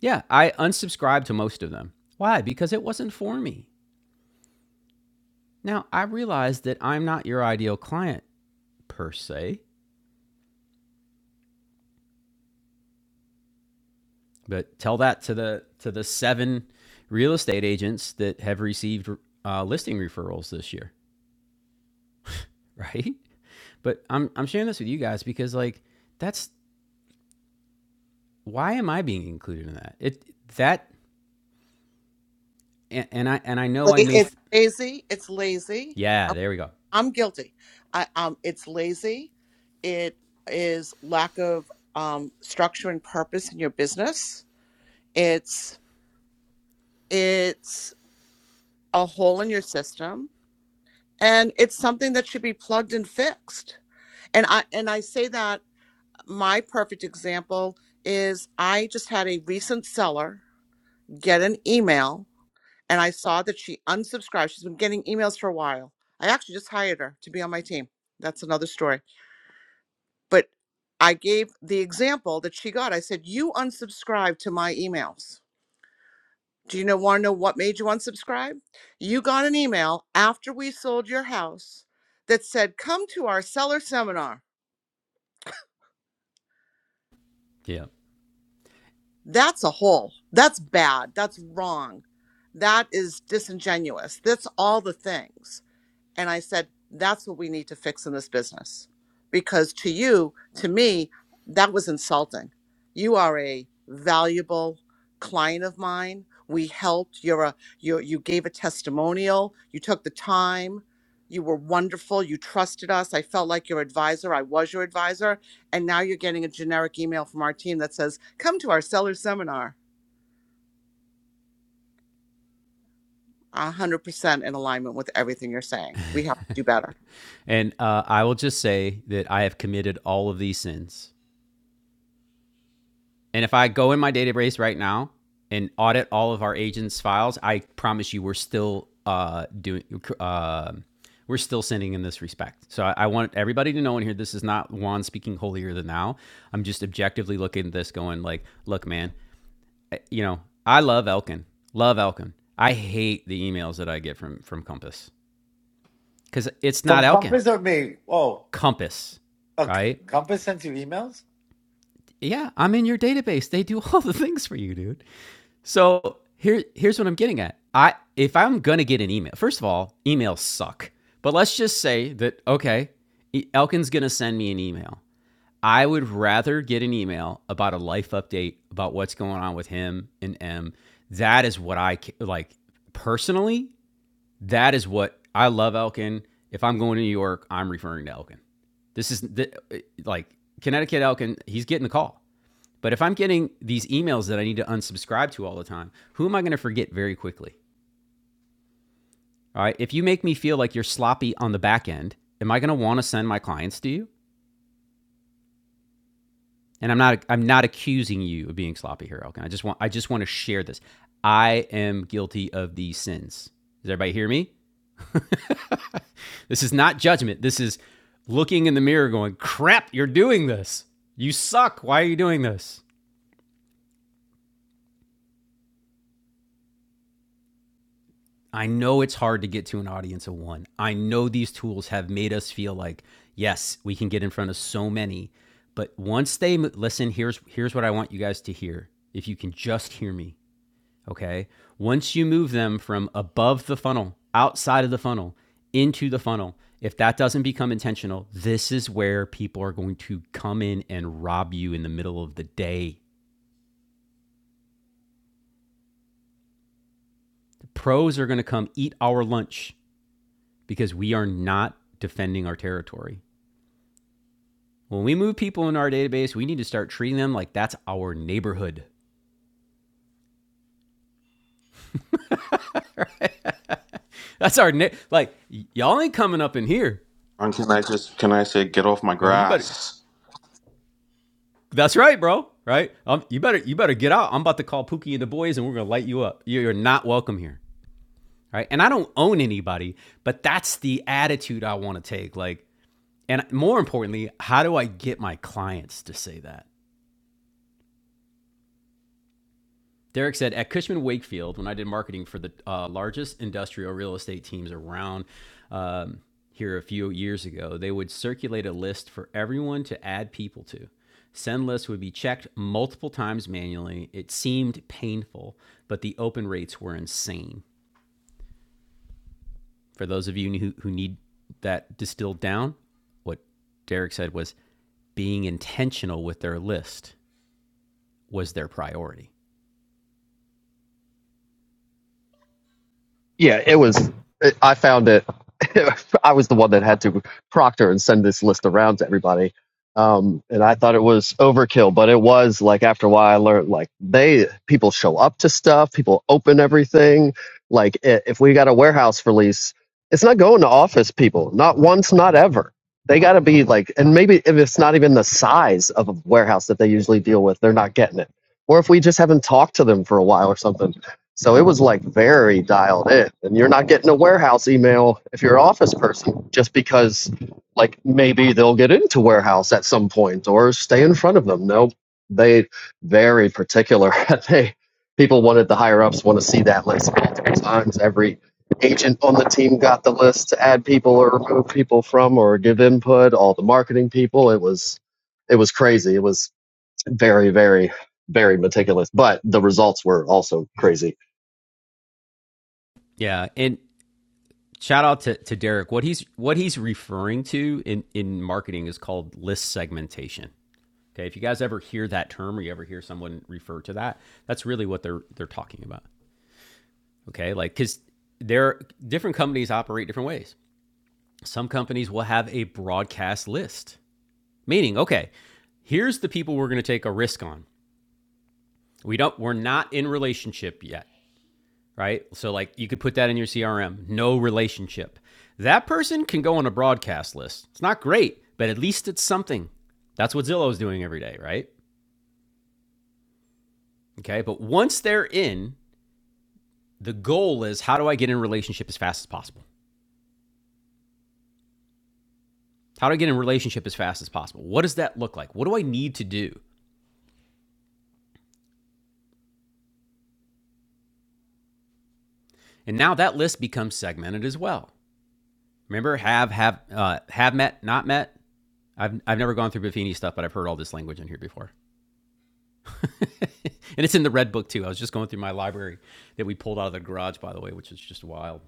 Yeah, I unsubscribed to most of them. Why? Because it wasn't for me. Now I realize that I'm not your ideal client per se. But tell that to the to the seven real estate agents that have received uh, listing referrals this year, (laughs) right? But I'm I'm sharing this with you guys because like that's why am I being included in that? It that and, and I and I know Like, I may It's th- lazy. It's lazy. yeah there we go I'm guilty. I um it's lazy. It is lack of um structure and purpose in your business. It's it's a hole in your system and it's something that should be plugged and fixed. And I and I say that my perfect example is I just had a recent seller get an email and I saw that she unsubscribed. She's been getting emails for a while. I actually just hired her to be on my team. That's another story But I gave the example that she got. I said, You unsubscribed to my emails. Do you know, want to know what made you unsubscribe? You got an email after we sold your house that said, Come to our seller seminar. yeah That's a hole. That's bad. That's wrong. That is disingenuous. That's all the things. And I said, that's what we need to fix in this business. Because to you, to me, that was insulting. You are a valuable client of mine. We helped. You're a you you gave a testimonial. You took the time. You were wonderful. You trusted us. I felt like your advisor. I was your advisor. And now you're getting a generic email from our team that says, come to our seller seminar. 100% in alignment with everything you're saying. We have to do better. and uh, I will just say that I have committed all of these sins And if I go in my database right now and audit all of our agents' files, I promise you, we're still uh, doing. Uh, we're still sinning in this respect. So I, I want everybody to know in here, this is not Juan speaking holier than thou. I'm just objectively looking at this, going like, look, man, I- you know, I love Elkin, love Elkin. I hate the emails that I get from from Compass because it's not From Elkin, Compass or me? Oh, Compass, a c- right? Compass sends you emails? Yeah, I'm in your database. They do (laughs) all the things for you, dude. So here, here's what I'm getting at. I if I'm gonna get an email, first of all, emails suck. But let's just say that okay, E- Elkin's gonna send me an email. I would rather get an email about a life update about what's going on with him and M. That is what I like personally. That is what I love Elkin. If I'm going to New York, I'm referring to Elkin. This is the, like Connecticut Elkin. He's getting the call. But if I'm getting these emails that I need to unsubscribe to all the time, who am I going to forget very quickly? All right. If you make me feel like you're sloppy on the back end, am I going to want to send my clients to you? And I'm not I'm not accusing you of being sloppy here, Elkin. I just want I just want to share this. I am guilty of these sins. Does everybody hear me? (laughs) this is not judgment. This is looking in the mirror going, "Crap, you're doing this. You suck. Why are you doing this?" I know it's hard to get to an audience of one. I know these tools have made us feel like, yes, we can get in front of so many. But once they mo- listen, here's here's what I want you guys to hear. If you can just hear me, okay? Once you move them from above the funnel, outside of the funnel, into the funnel, if that doesn't become intentional, this is where people are going to come in and rob you in the middle of the day. The pros are going to come eat our lunch because we are not defending our territory. When we move people in our database, we need to start treating them like that's our neighborhood. That's our na- like y'all ain't coming up in here. And can I just can I say get off my Uh, you better. grass? That's right, bro. Right? Um, you better you better get out. I'm about to call Pookie and the boys, and we're gonna light you up. You're not welcome here. Right? And I don't own anybody, but that's the attitude I want to take. Like, and more importantly, how do I get my clients to say that? Derek said at Cushman Wakefield, when I did marketing for the uh, largest industrial real estate teams around um, here a few years ago, they would circulate a list for everyone to add people to. Send lists would be checked multiple times manually. It seemed painful, but the open rates were insane. For those of you who, who need that distilled down, what Derek said was being intentional with their list was their priority. yeah, it was. It, I found it. (laughs) I was the one that had to proctor and send this list around to everybody, um, and I thought it was overkill. But it was like after a while, I learned like they people show up to stuff, people open everything. Like i- if we got a warehouse release, it's not going to office people, not once, not ever. They got to be like, and maybe if it's not even the size of a warehouse that they usually deal with, they're not getting it. Or if we just haven't talked to them for a while or something so it was like very dialed in. And you're not getting a warehouse email if you're an office person, just because like maybe they'll get into warehouse at some point or stay in front of them. No, they very particular. (laughs) they people wanted the higher ups want to see that list multiple times. Every agent on the team got the list to add people or remove people from or give input, all the marketing people. It was it was crazy. It was very, very, very meticulous. But the results were also crazy Yeah, and shout out to, to Derek. What he's what he's referring to in, in marketing is called list segmentation. Okay. If you guys ever hear that term or you ever hear someone refer to that, that's really what they're they're talking about. Okay. Like because there different companies operate different ways. Some companies will have a broadcast list. Meaning, okay, here's the people we're gonna take a risk on. We don't we're not in relationship yet. right? So like you could put that in your CRM, no relationship. That person can go on a broadcast list. It's not great, but at least it's something. That's what Zillow is doing every day, right? Okay, but once they're in, the goal is how do I get in relationship as fast as possible? How do I get in relationship as fast as possible? What does that look like? What do I need to do? And now that list becomes segmented as well. Remember, have have uh, have met, not met. I've I've never gone through Buffini stuff, but I've heard all this language in here before. (laughs) and it's in the red book too. I was just going through my library that we pulled out of the garage, by the way, which is just wild.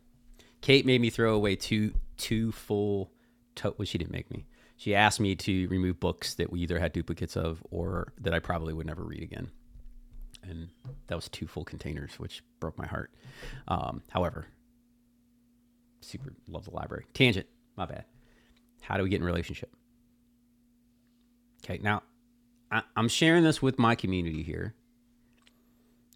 Kate made me throw away two two full. To- well, she didn't make me. She asked me to remove books that we either had duplicates of or that I probably would never read again, and that was two full containers, which broke my heart. Um, however, super love the library. Tangent, my bad. How do we get in a relationship? Okay, now I- I'm sharing this with my community here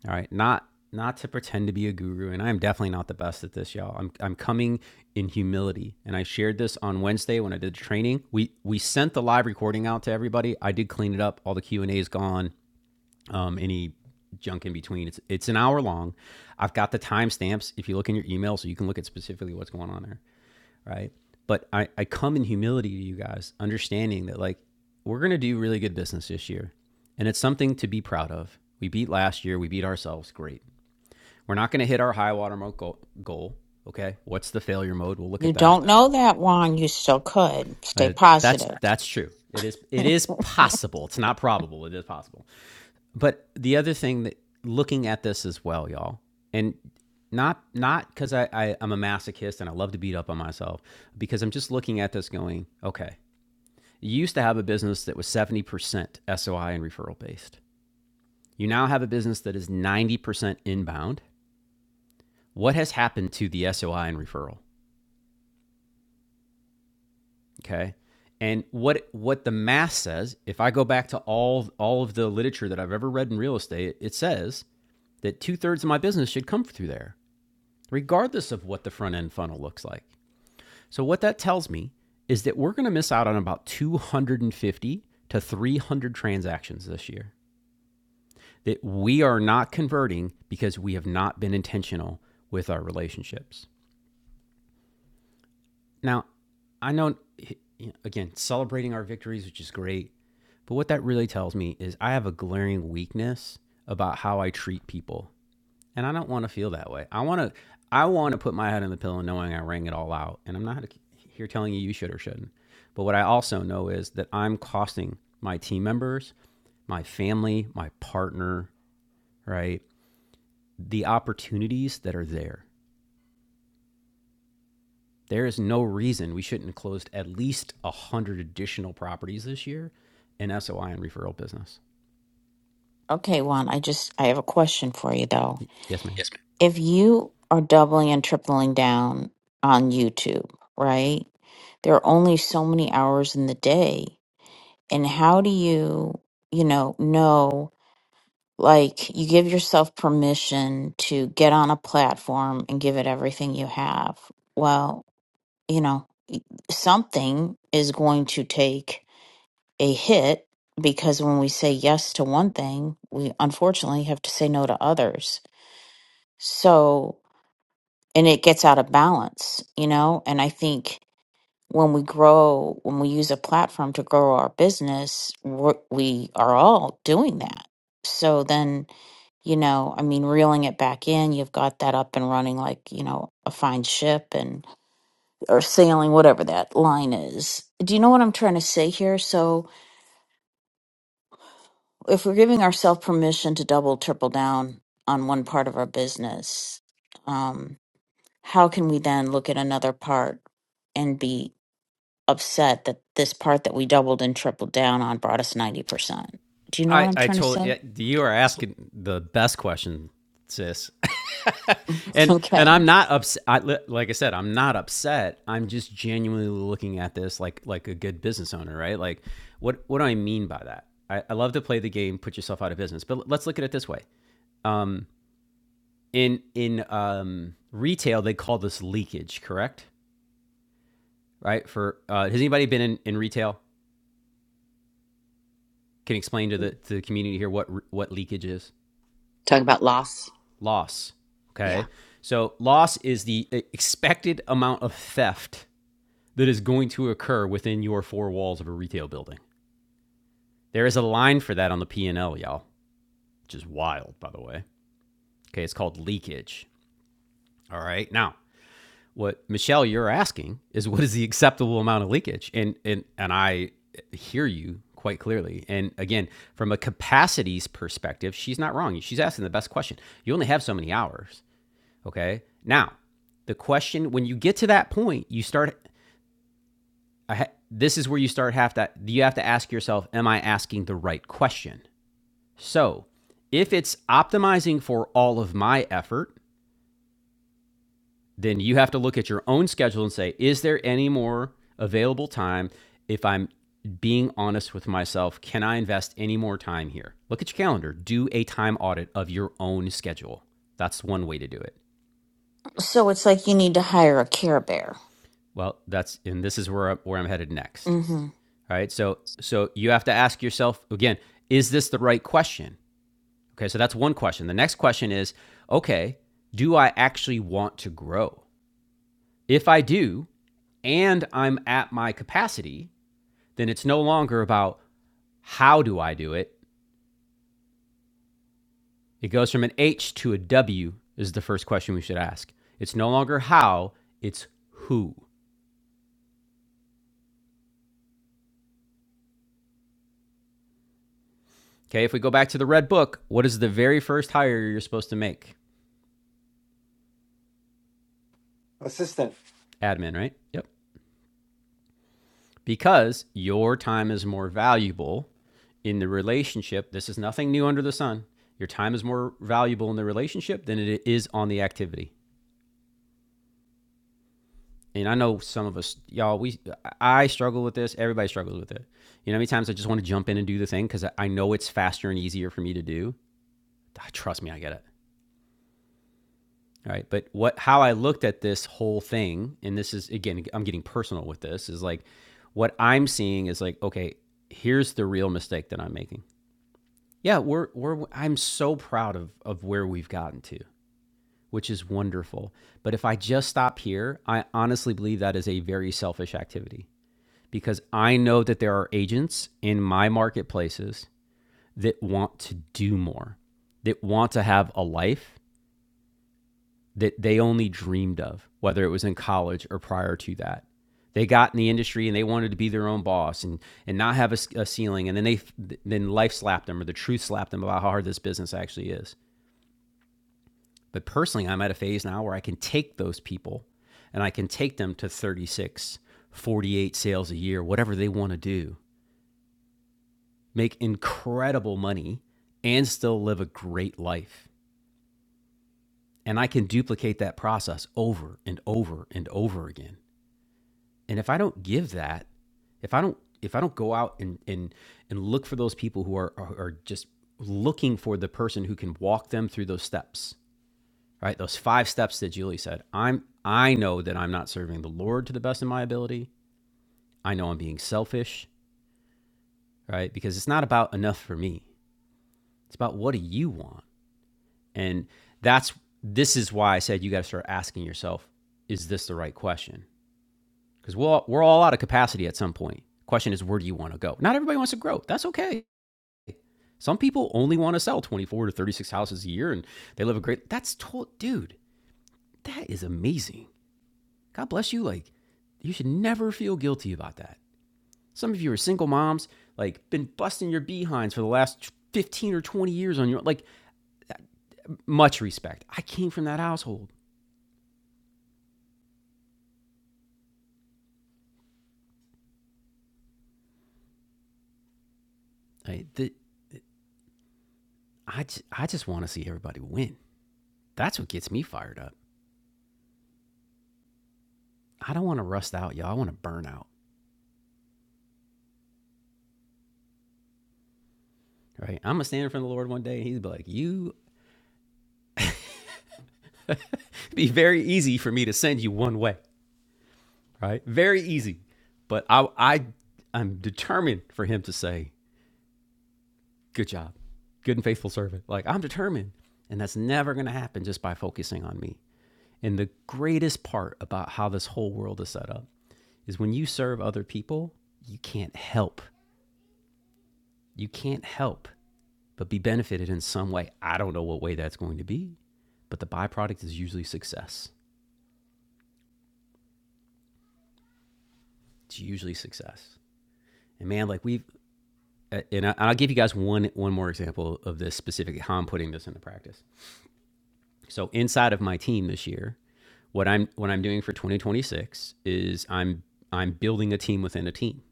All right. Not not to pretend to be a guru, and I'm definitely not the best at this, y'all. I'm I'm coming in humility. And I shared this on Wednesday when I did the training. We we sent the live recording out to everybody. I did clean it up. All the Q and A is gone. Um, any junk in between. It's it's an hour long. I've got the timestamps if you look in your email, so you can look at specifically what's going on there. Right. But I, I come in humility to you guys, understanding that like we're gonna do really good business this year. And it's something to be proud of. We beat last year, we beat ourselves, great. We're not going to hit our high water mark goal, goal. Okay, what's the failure mode? We'll look You at that. don't know that, Juan. You still could. Stay Uh, that's positive. that's true. It is it is possible. It's not probable. It is possible. But the other thing that looking at this as well, y'all, and not not because I, I I'm a masochist and I love to beat up on myself, because I'm just looking at this going, okay, you used to have a business that was 70% SOI and referral based. You now have a business that is 90% inbound. What has happened to the SOI and referral? Okay. And what what the math says, if I go back to all all of the literature that I've ever read in real estate, it says that two thirds of my business should come through there, regardless of what the front end funnel looks like. So what that tells me is that we're going to miss out on about 250 to 300 transactions this year that we are not converting because we have not been intentional with our relationships. Now, I know, again, celebrating our victories, which is great, but what that really tells me is I have a glaring weakness about how I treat people. And I don't want to feel that way. I want to I want to put my head on the pillow knowing I rang it all out. And I'm not here telling you you should or shouldn't. But what I also know is that I'm costing my team members, my family, my partner, right? The opportunities that are there. There is no reason we shouldn't have closed at least 100 additional properties this year in SOI and referral business. Okay, Juan, I just I have a question for you though. Yes, ma'am. Yes, ma'am. If you are doubling and tripling down on YouTube, right? There are only so many hours in the day. and how do you you know know like you give yourself permission to get on a platform and give it everything you have well you know something is going to take a hit because when we say yes to one thing we unfortunately have to say no to others so and it gets out of balance you know and i think when we grow, when we use a platform to grow our business, we're, we are all doing that. So then, you know, I mean, reeling it back in, you've got that up and running like, you know, a fine ship and or sailing, whatever that line is. Do you know what I'm trying to say here? So if we're giving ourselves permission to double, triple down on one part of our business, um, how can we then look at another part? and be? upset that this part that we doubled and tripled down on brought us 90%. Do you know what I, I'm I trying to told say? you you are asking the best question, sis. (laughs) And and Okay. I'm not upset. I, like I said, I'm not upset. I'm just genuinely looking at this like like a good business owner, right? Like, what what do I mean by that? I, I love to play the game, put yourself out of business. But let's look at it this way: in in um, retail, they call this leakage, correct? right? For uh, has anybody been in, in retail? Can explain to the to the community here what what leakage is Talk about loss. loss. Yeah. Okay, so loss is the uh, expected amount of theft that is going to occur within your four walls of a retail building. There is a line for that on the P and L, y'all, which is wild, by the way. Okay, it's called leakage. All right, now what Michelle you're asking is what is the acceptable amount of leakage, and and and I hear you quite clearly. And again, from a capacities perspective, she's not wrong. She's asking the best question. You only have so many hours, okay? Now, the question when you get to that point, you start. I this is where you start have to. You have to ask yourself, am I asking the right question? So, if it's optimizing for all of my effort, then you have to look at your own schedule and say, is there any more available time? If I'm being honest with myself, can I invest any more time here? Look at your calendar, do a time audit of your own schedule. That's one way to do it. So it's like you need to hire a care bear. Well, that's and this is where I'm, where I'm headed next. Mm-hmm. All right, so so you have to ask yourself again, is this the right question? Okay, so that's one question. The next question is, okay, do I actually want to grow? If I do, and I'm at my capacity, then it's no longer about how do I do it. It goes from an H to a W is the first question we should ask. It's no longer how, it's who. Okay, if we go back to the red book, what is the very first hire you're supposed to make? Assistant. Admin, right? Yep. Because your time is more valuable in the relationship. This is nothing new under the sun. Your time is more valuable in the relationship than it is on the activity. and I know some of us, y'all, we, I struggle with this. Everybody struggles with it. You know, how many times I just want to jump in and do the thing because I know it's faster and easier for me to do. Ah, Trust me, I get it. All right. But what, how I looked at this whole thing, and this is again, I'm getting personal with this, is like what I'm seeing is like, okay, here's the real mistake that I'm making. Yeah, we're, we're, I'm so proud of, of where we've gotten to, which is wonderful. But if I just stop here, I honestly believe that is a very selfish activity because I know that there are agents in my marketplaces that want to do more, that want to have a life that they only dreamed of, whether it was in college or prior to that. They got in the industry and they wanted to be their own boss and, and not have a a ceiling. And then they then life slapped them or the truth slapped them about how hard this business actually is. But personally, I'm at a phase now where I can take those people and I can take them to 36, 48 sales a year, whatever they want to do make incredible money, and still live a great life. And I can duplicate that process over and over and over again. And if I don't give that, if I don't if I don't go out and and and look for those people who are are, are just looking for the person who can walk them through those steps, right? Those five steps that Julie said. I'm I know that I'm not serving the Lord to the best of my ability. I know I'm being selfish, right? Because it's not about enough for me. It's about what do you want? And that's this is why I said you got to start asking yourself, is this the right question? Because we're we're all out of capacity at some point. Question is, where do you want to go? Not everybody wants to grow. That's okay. Some people only want to sell 24 to 36 houses a year and they live a great that's to- dude, that is amazing. God bless you. Like you should never feel guilty about that. Some of you are single moms, like been busting your behinds for the last 15 or 20 years on your like much respect. I came from that household. I, the, I, j- I just want to see everybody win. That's what gets me fired up. I don't want to rust out, y'all. I want to burn out, right? I'm going to stand in front of the Lord one day and he's be like, You, it'd be very easy for me to send you one way, right? Very easy. But I, I, I'm determined for him to say, Good job, good and faithful servant. Like, I'm determined. And that's never going to happen just by focusing on me. And the greatest part about how this whole world is set up is when you serve other people, you can't help. You can't help but be benefited in some way. I don't know what way that's going to be, but the byproduct is usually success. It's usually success. And man, like we've, uh, and I- will give you guys one one more example of this specifically how I'm putting this into practice. So inside of my team this year, what I'm what I'm doing for 2026 is I'm I'm building a team within a team,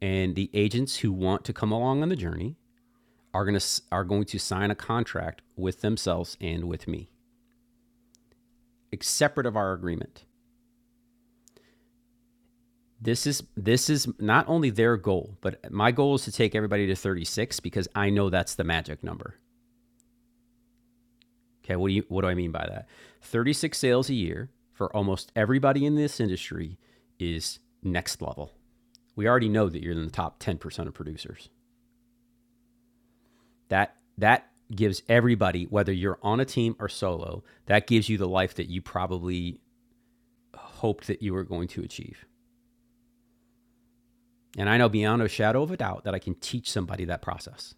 and the agents who want to come along on the journey are gonna are going to sign a contract with themselves and with me, separate of our agreement. This is this is not only their goal, but my goal is to take everybody to 36 because I know that's the magic number. Okay, what do you what do I mean by that? 36 sales a year for almost everybody in this industry is next level. We already know that you're in the top 10% of producers. That that gives everybody whether you're on a team or solo, that gives you the life that you probably hoped that you were going to achieve. And I know beyond a shadow of a doubt that I can teach somebody that process.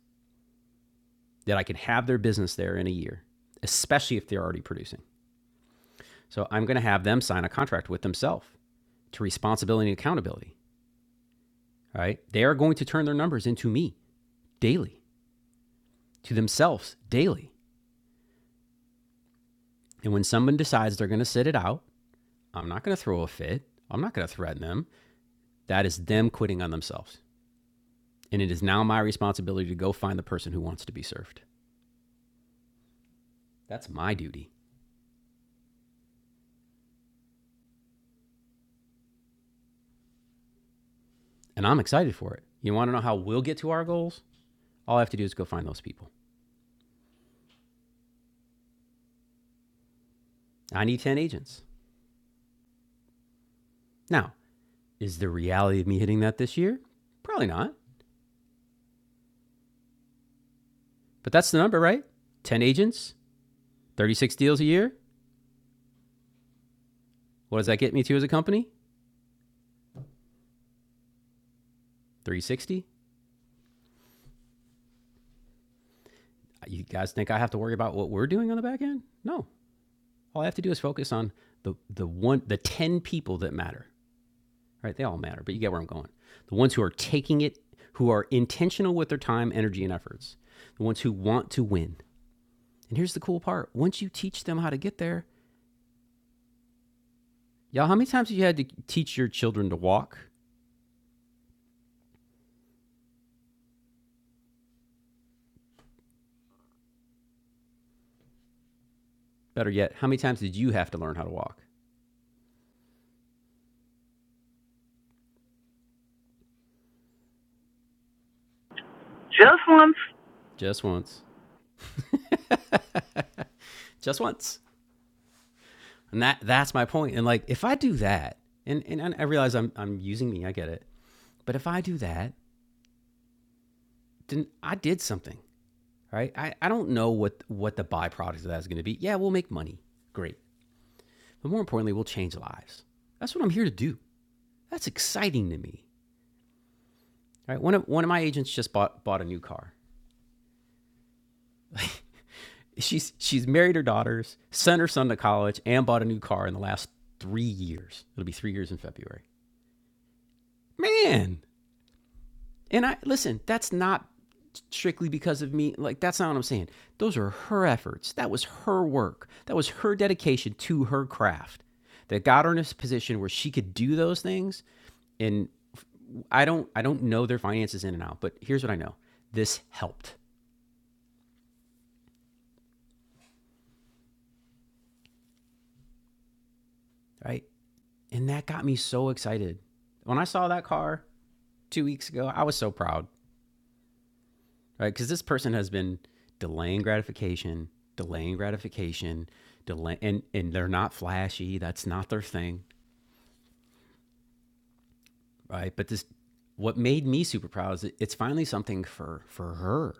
that I could have their business there in a year, especially if they're already producing. So I'm going to have them sign a contract with themselves to responsibility and accountability, right? They are going to turn their numbers into me daily, to themselves daily. And when someone decides they're going to sit it out, I'm not going to throw a fit. I'm not going to threaten them. That is them quitting on themselves. And it is now my responsibility to go find the person who wants to be served. That's my duty. And I'm excited for it. You want to know how we'll get to our goals? All I have to do is go find those people. I need 10 agents. Now, is the reality of me hitting that this year? Probably not. But that's the number, right? 10 agents, 36 deals a year. What does that get me to as a company? 360. You guys think I have to worry about what we're doing on the back end? No. All I have to do is focus on the the one the 10 people that matter. Right? They all matter, but you get where I'm going. The ones who are taking it, who are intentional with their time, energy, and efforts. The ones who want to win. And here's the cool part. Once you teach them how to get there, y'all, how many times have you had to teach your children to walk? Better yet, how many times did you have to learn how to walk? Just once. Just once. And that that's my point. And like if I do that, and, and, I realize I'm I'm using me, I get it. But if I do that, then I did something. Right? I, I don't know what what the byproduct of that is gonna be. Yeah, we'll make money. Great. But more importantly, we'll change lives. That's what I'm here to do. That's exciting to me. Right? One of one of my agents just bought bought a new car. (laughs) She's she's married her daughters, sent her son to college, and bought a new car in the last three years. It'll be three years in February. Man, and I listen. That's not strictly because of me. Like that's not what I'm saying. Those are her efforts. That was her work. That was her dedication to her craft that got her in a position where she could do those things. And I don't I don't know their finances in and out, but here's what I know. This helped, right? And that got me so excited. When I saw that car, two weeks ago. I was so proud, right? Because this person has been delaying gratification, delaying gratification, delay, and and they're not flashy. That's not their thing, right? But this, what made me super proud is it's finally something for for her,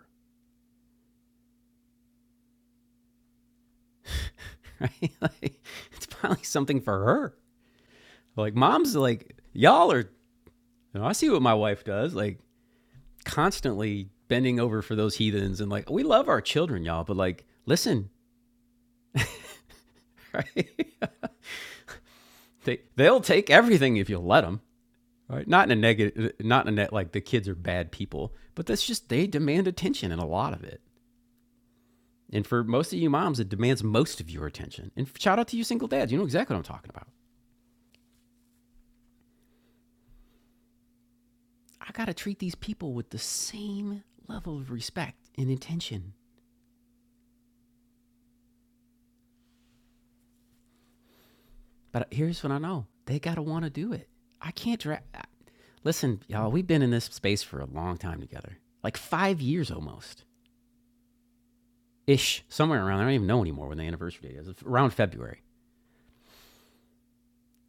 right? (laughs) like, it's finally something for her. Like mom's like y'all are. You know, I see what my wife does, like constantly bending over for those heathens and like we love our children, y'all, but like listen, right? (laughs) they they'll take everything if you'll let them. Right? Not in a negative, not in a net like the kids are bad people, but that's just they demand attention and a lot of it. And for most of you moms, it demands most of your attention. And shout out to you single dads, you know exactly what I'm talking about. I gotta treat these people with the same level of respect and intention. But here's what I know: they gotta want to do it. I can't dra- Listen, y'all, we've been in this space for a long time together, like five years almost, ish, somewhere around. I don't even know anymore when the anniversary date is. Around February,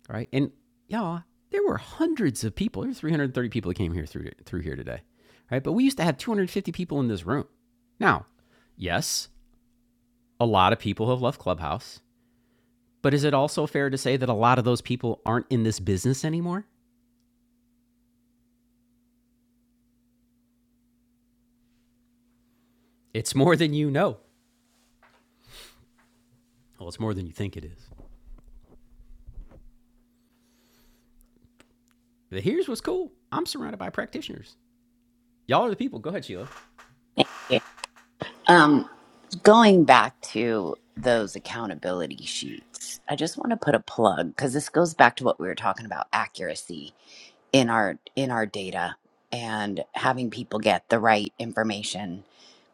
right? And y'all, there were hundreds of people. There were 330 people that came here through through here today, right? But we used to have 250 people in this room. Now, yes, a lot of people have left Clubhouse, but is it also fair to say that a lot of those people aren't in this business anymore? It's more than you know. Well, it's more than you think it is. But here's what's cool. I'm surrounded by practitioners. Y'all are the people. Go ahead, Sheila. thank you. Um, going back to those accountability sheets, I just want to put a plug because this goes back to what we were talking about accuracy in our in our data and having people get the right information,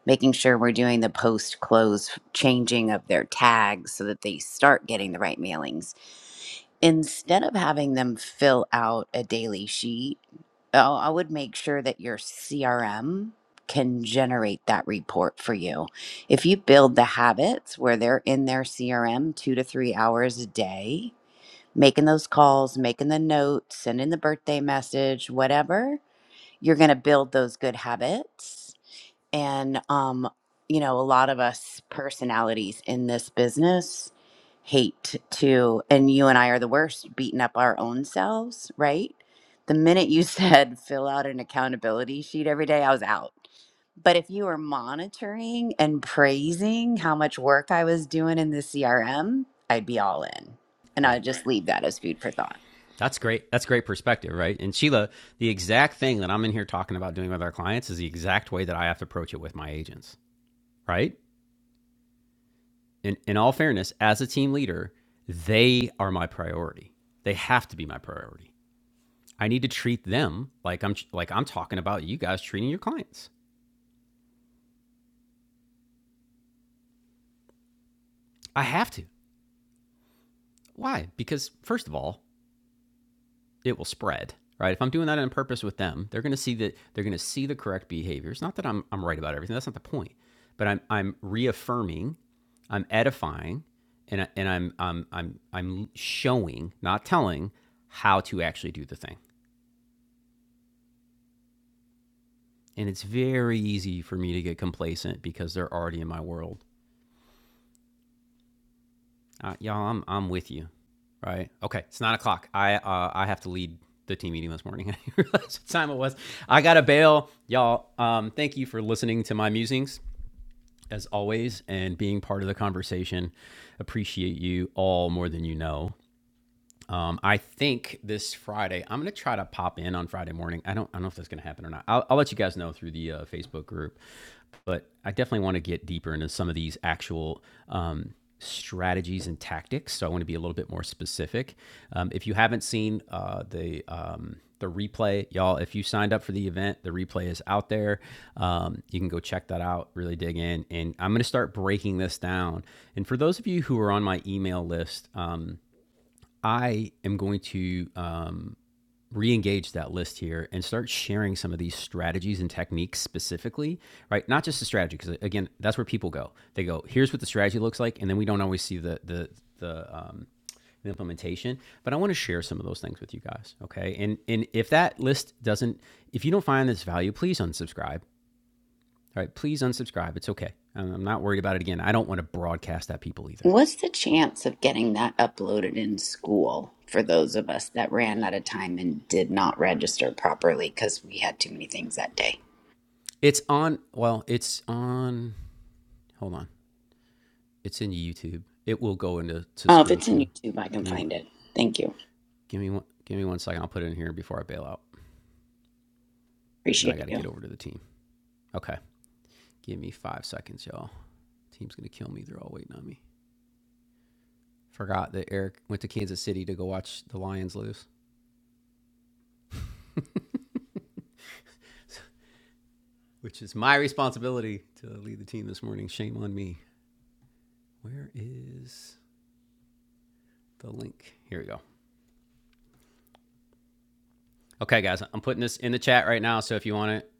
making sure we're doing the post close changing of their tags so that they start getting the right mailings. Instead of having them fill out a daily sheet Oh, I would make sure that your CRM can generate that report for you. If you build the habits where they're in their CRM two to three hours a day, making those calls, making the notes, sending the birthday message, whatever, you're going to build those good habits. And, um, you know, a lot of us personalities in this business hate to and you and I are the worst beating up our own selves, right? The minute you (laughs) said fill out an accountability sheet every day, I was out. But if you were monitoring and praising how much work I was doing in the CRM, I'd be all in. And Right. I'd just leave that as food for thought. That's great. That's great perspective, right? And Sheila, the exact thing that I'm in here talking about doing with our clients is the exact way that I have to approach it with my agents, right? In, in all fairness, as a team leader, they are my priority. They have to be my priority. I need to treat them like I'm like I'm talking about you guys treating your clients. I have to. Why? Because first of all, it will spread right if i'm doing that on purpose with them they're going to see that they're going to see the correct behaviors not that I'm, I'm right about everything that's not the point but i'm, I'm reaffirming i'm edifying and, I, and I'm, I'm, I'm, I'm showing not telling how to actually do the thing and it's very easy for me to get complacent because they're already in my world Uh, y'all, I'm I'm with you. Right? Okay, it's nine o'clock. I uh, I have to lead the team meeting this morning. (laughs) I didn't realize what time it was. I gotta bail, y'all. Um, thank you for listening to my musings as always and being part of the conversation. Appreciate you all more than you know. Um, I think this Friday I'm gonna try to pop in on Friday morning. I don't I don't know if that's gonna happen or not. I'll, I'll let you guys know through the uh, Facebook group. But I definitely want to get deeper into some of these actual um, strategies and tactics. So I want to be a little bit more specific. Um, if you haven't seen uh, the um, the replay, y'all, if you signed up for the event, the replay is out there. Um, you can go check that out. Really dig in, and I'm going to start breaking this down. And for those of you who are on my email list. Um, I am going to um, re-engage that list here and start sharing some of these strategies and techniques specifically, right? Not just the strategy, because again, that's where people go. They go, here's what the strategy looks like, and then we don't always see the the the um, the implementation. But I want to share some of those things with you guys, okay? And and if that list doesn't, if you don't find this value, please unsubscribe. All right, please unsubscribe. It's okay. I'm not worried about it again. I don't want to broadcast at people either. What's the chance of getting that uploaded in school for those of us that ran out of time and did not register properly because we had too many things that day? It's on. Well, it's on. Hold on. It's in YouTube. It will go into to Oh, if school it's in too. YouTube, I can Give me one. find it. Thank you. Give me one. Give me one second. I'll put it in here before I bail out. Now I Appreciate got to you. get over to the team. Okay. Give me five seconds, y'all. Team's gonna kill me. They're all waiting on me. Forgot that Eric went to Kansas City to go watch the Lions lose, which is my responsibility to lead the team this morning. Shame on me. Where is the link? Here we go. Okay, guys, I'm putting this in the chat right now. So if you want it,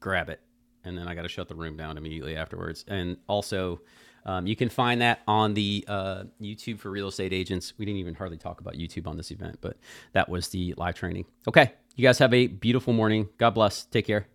grab it. And then I got to shut the room down immediately afterwards. And also, um, you can find that on the uh, YouTube for real estate agents. We didn't even hardly talk about YouTube on this event, but that was the live training. Okay, you guys have a beautiful morning. God bless. Take care.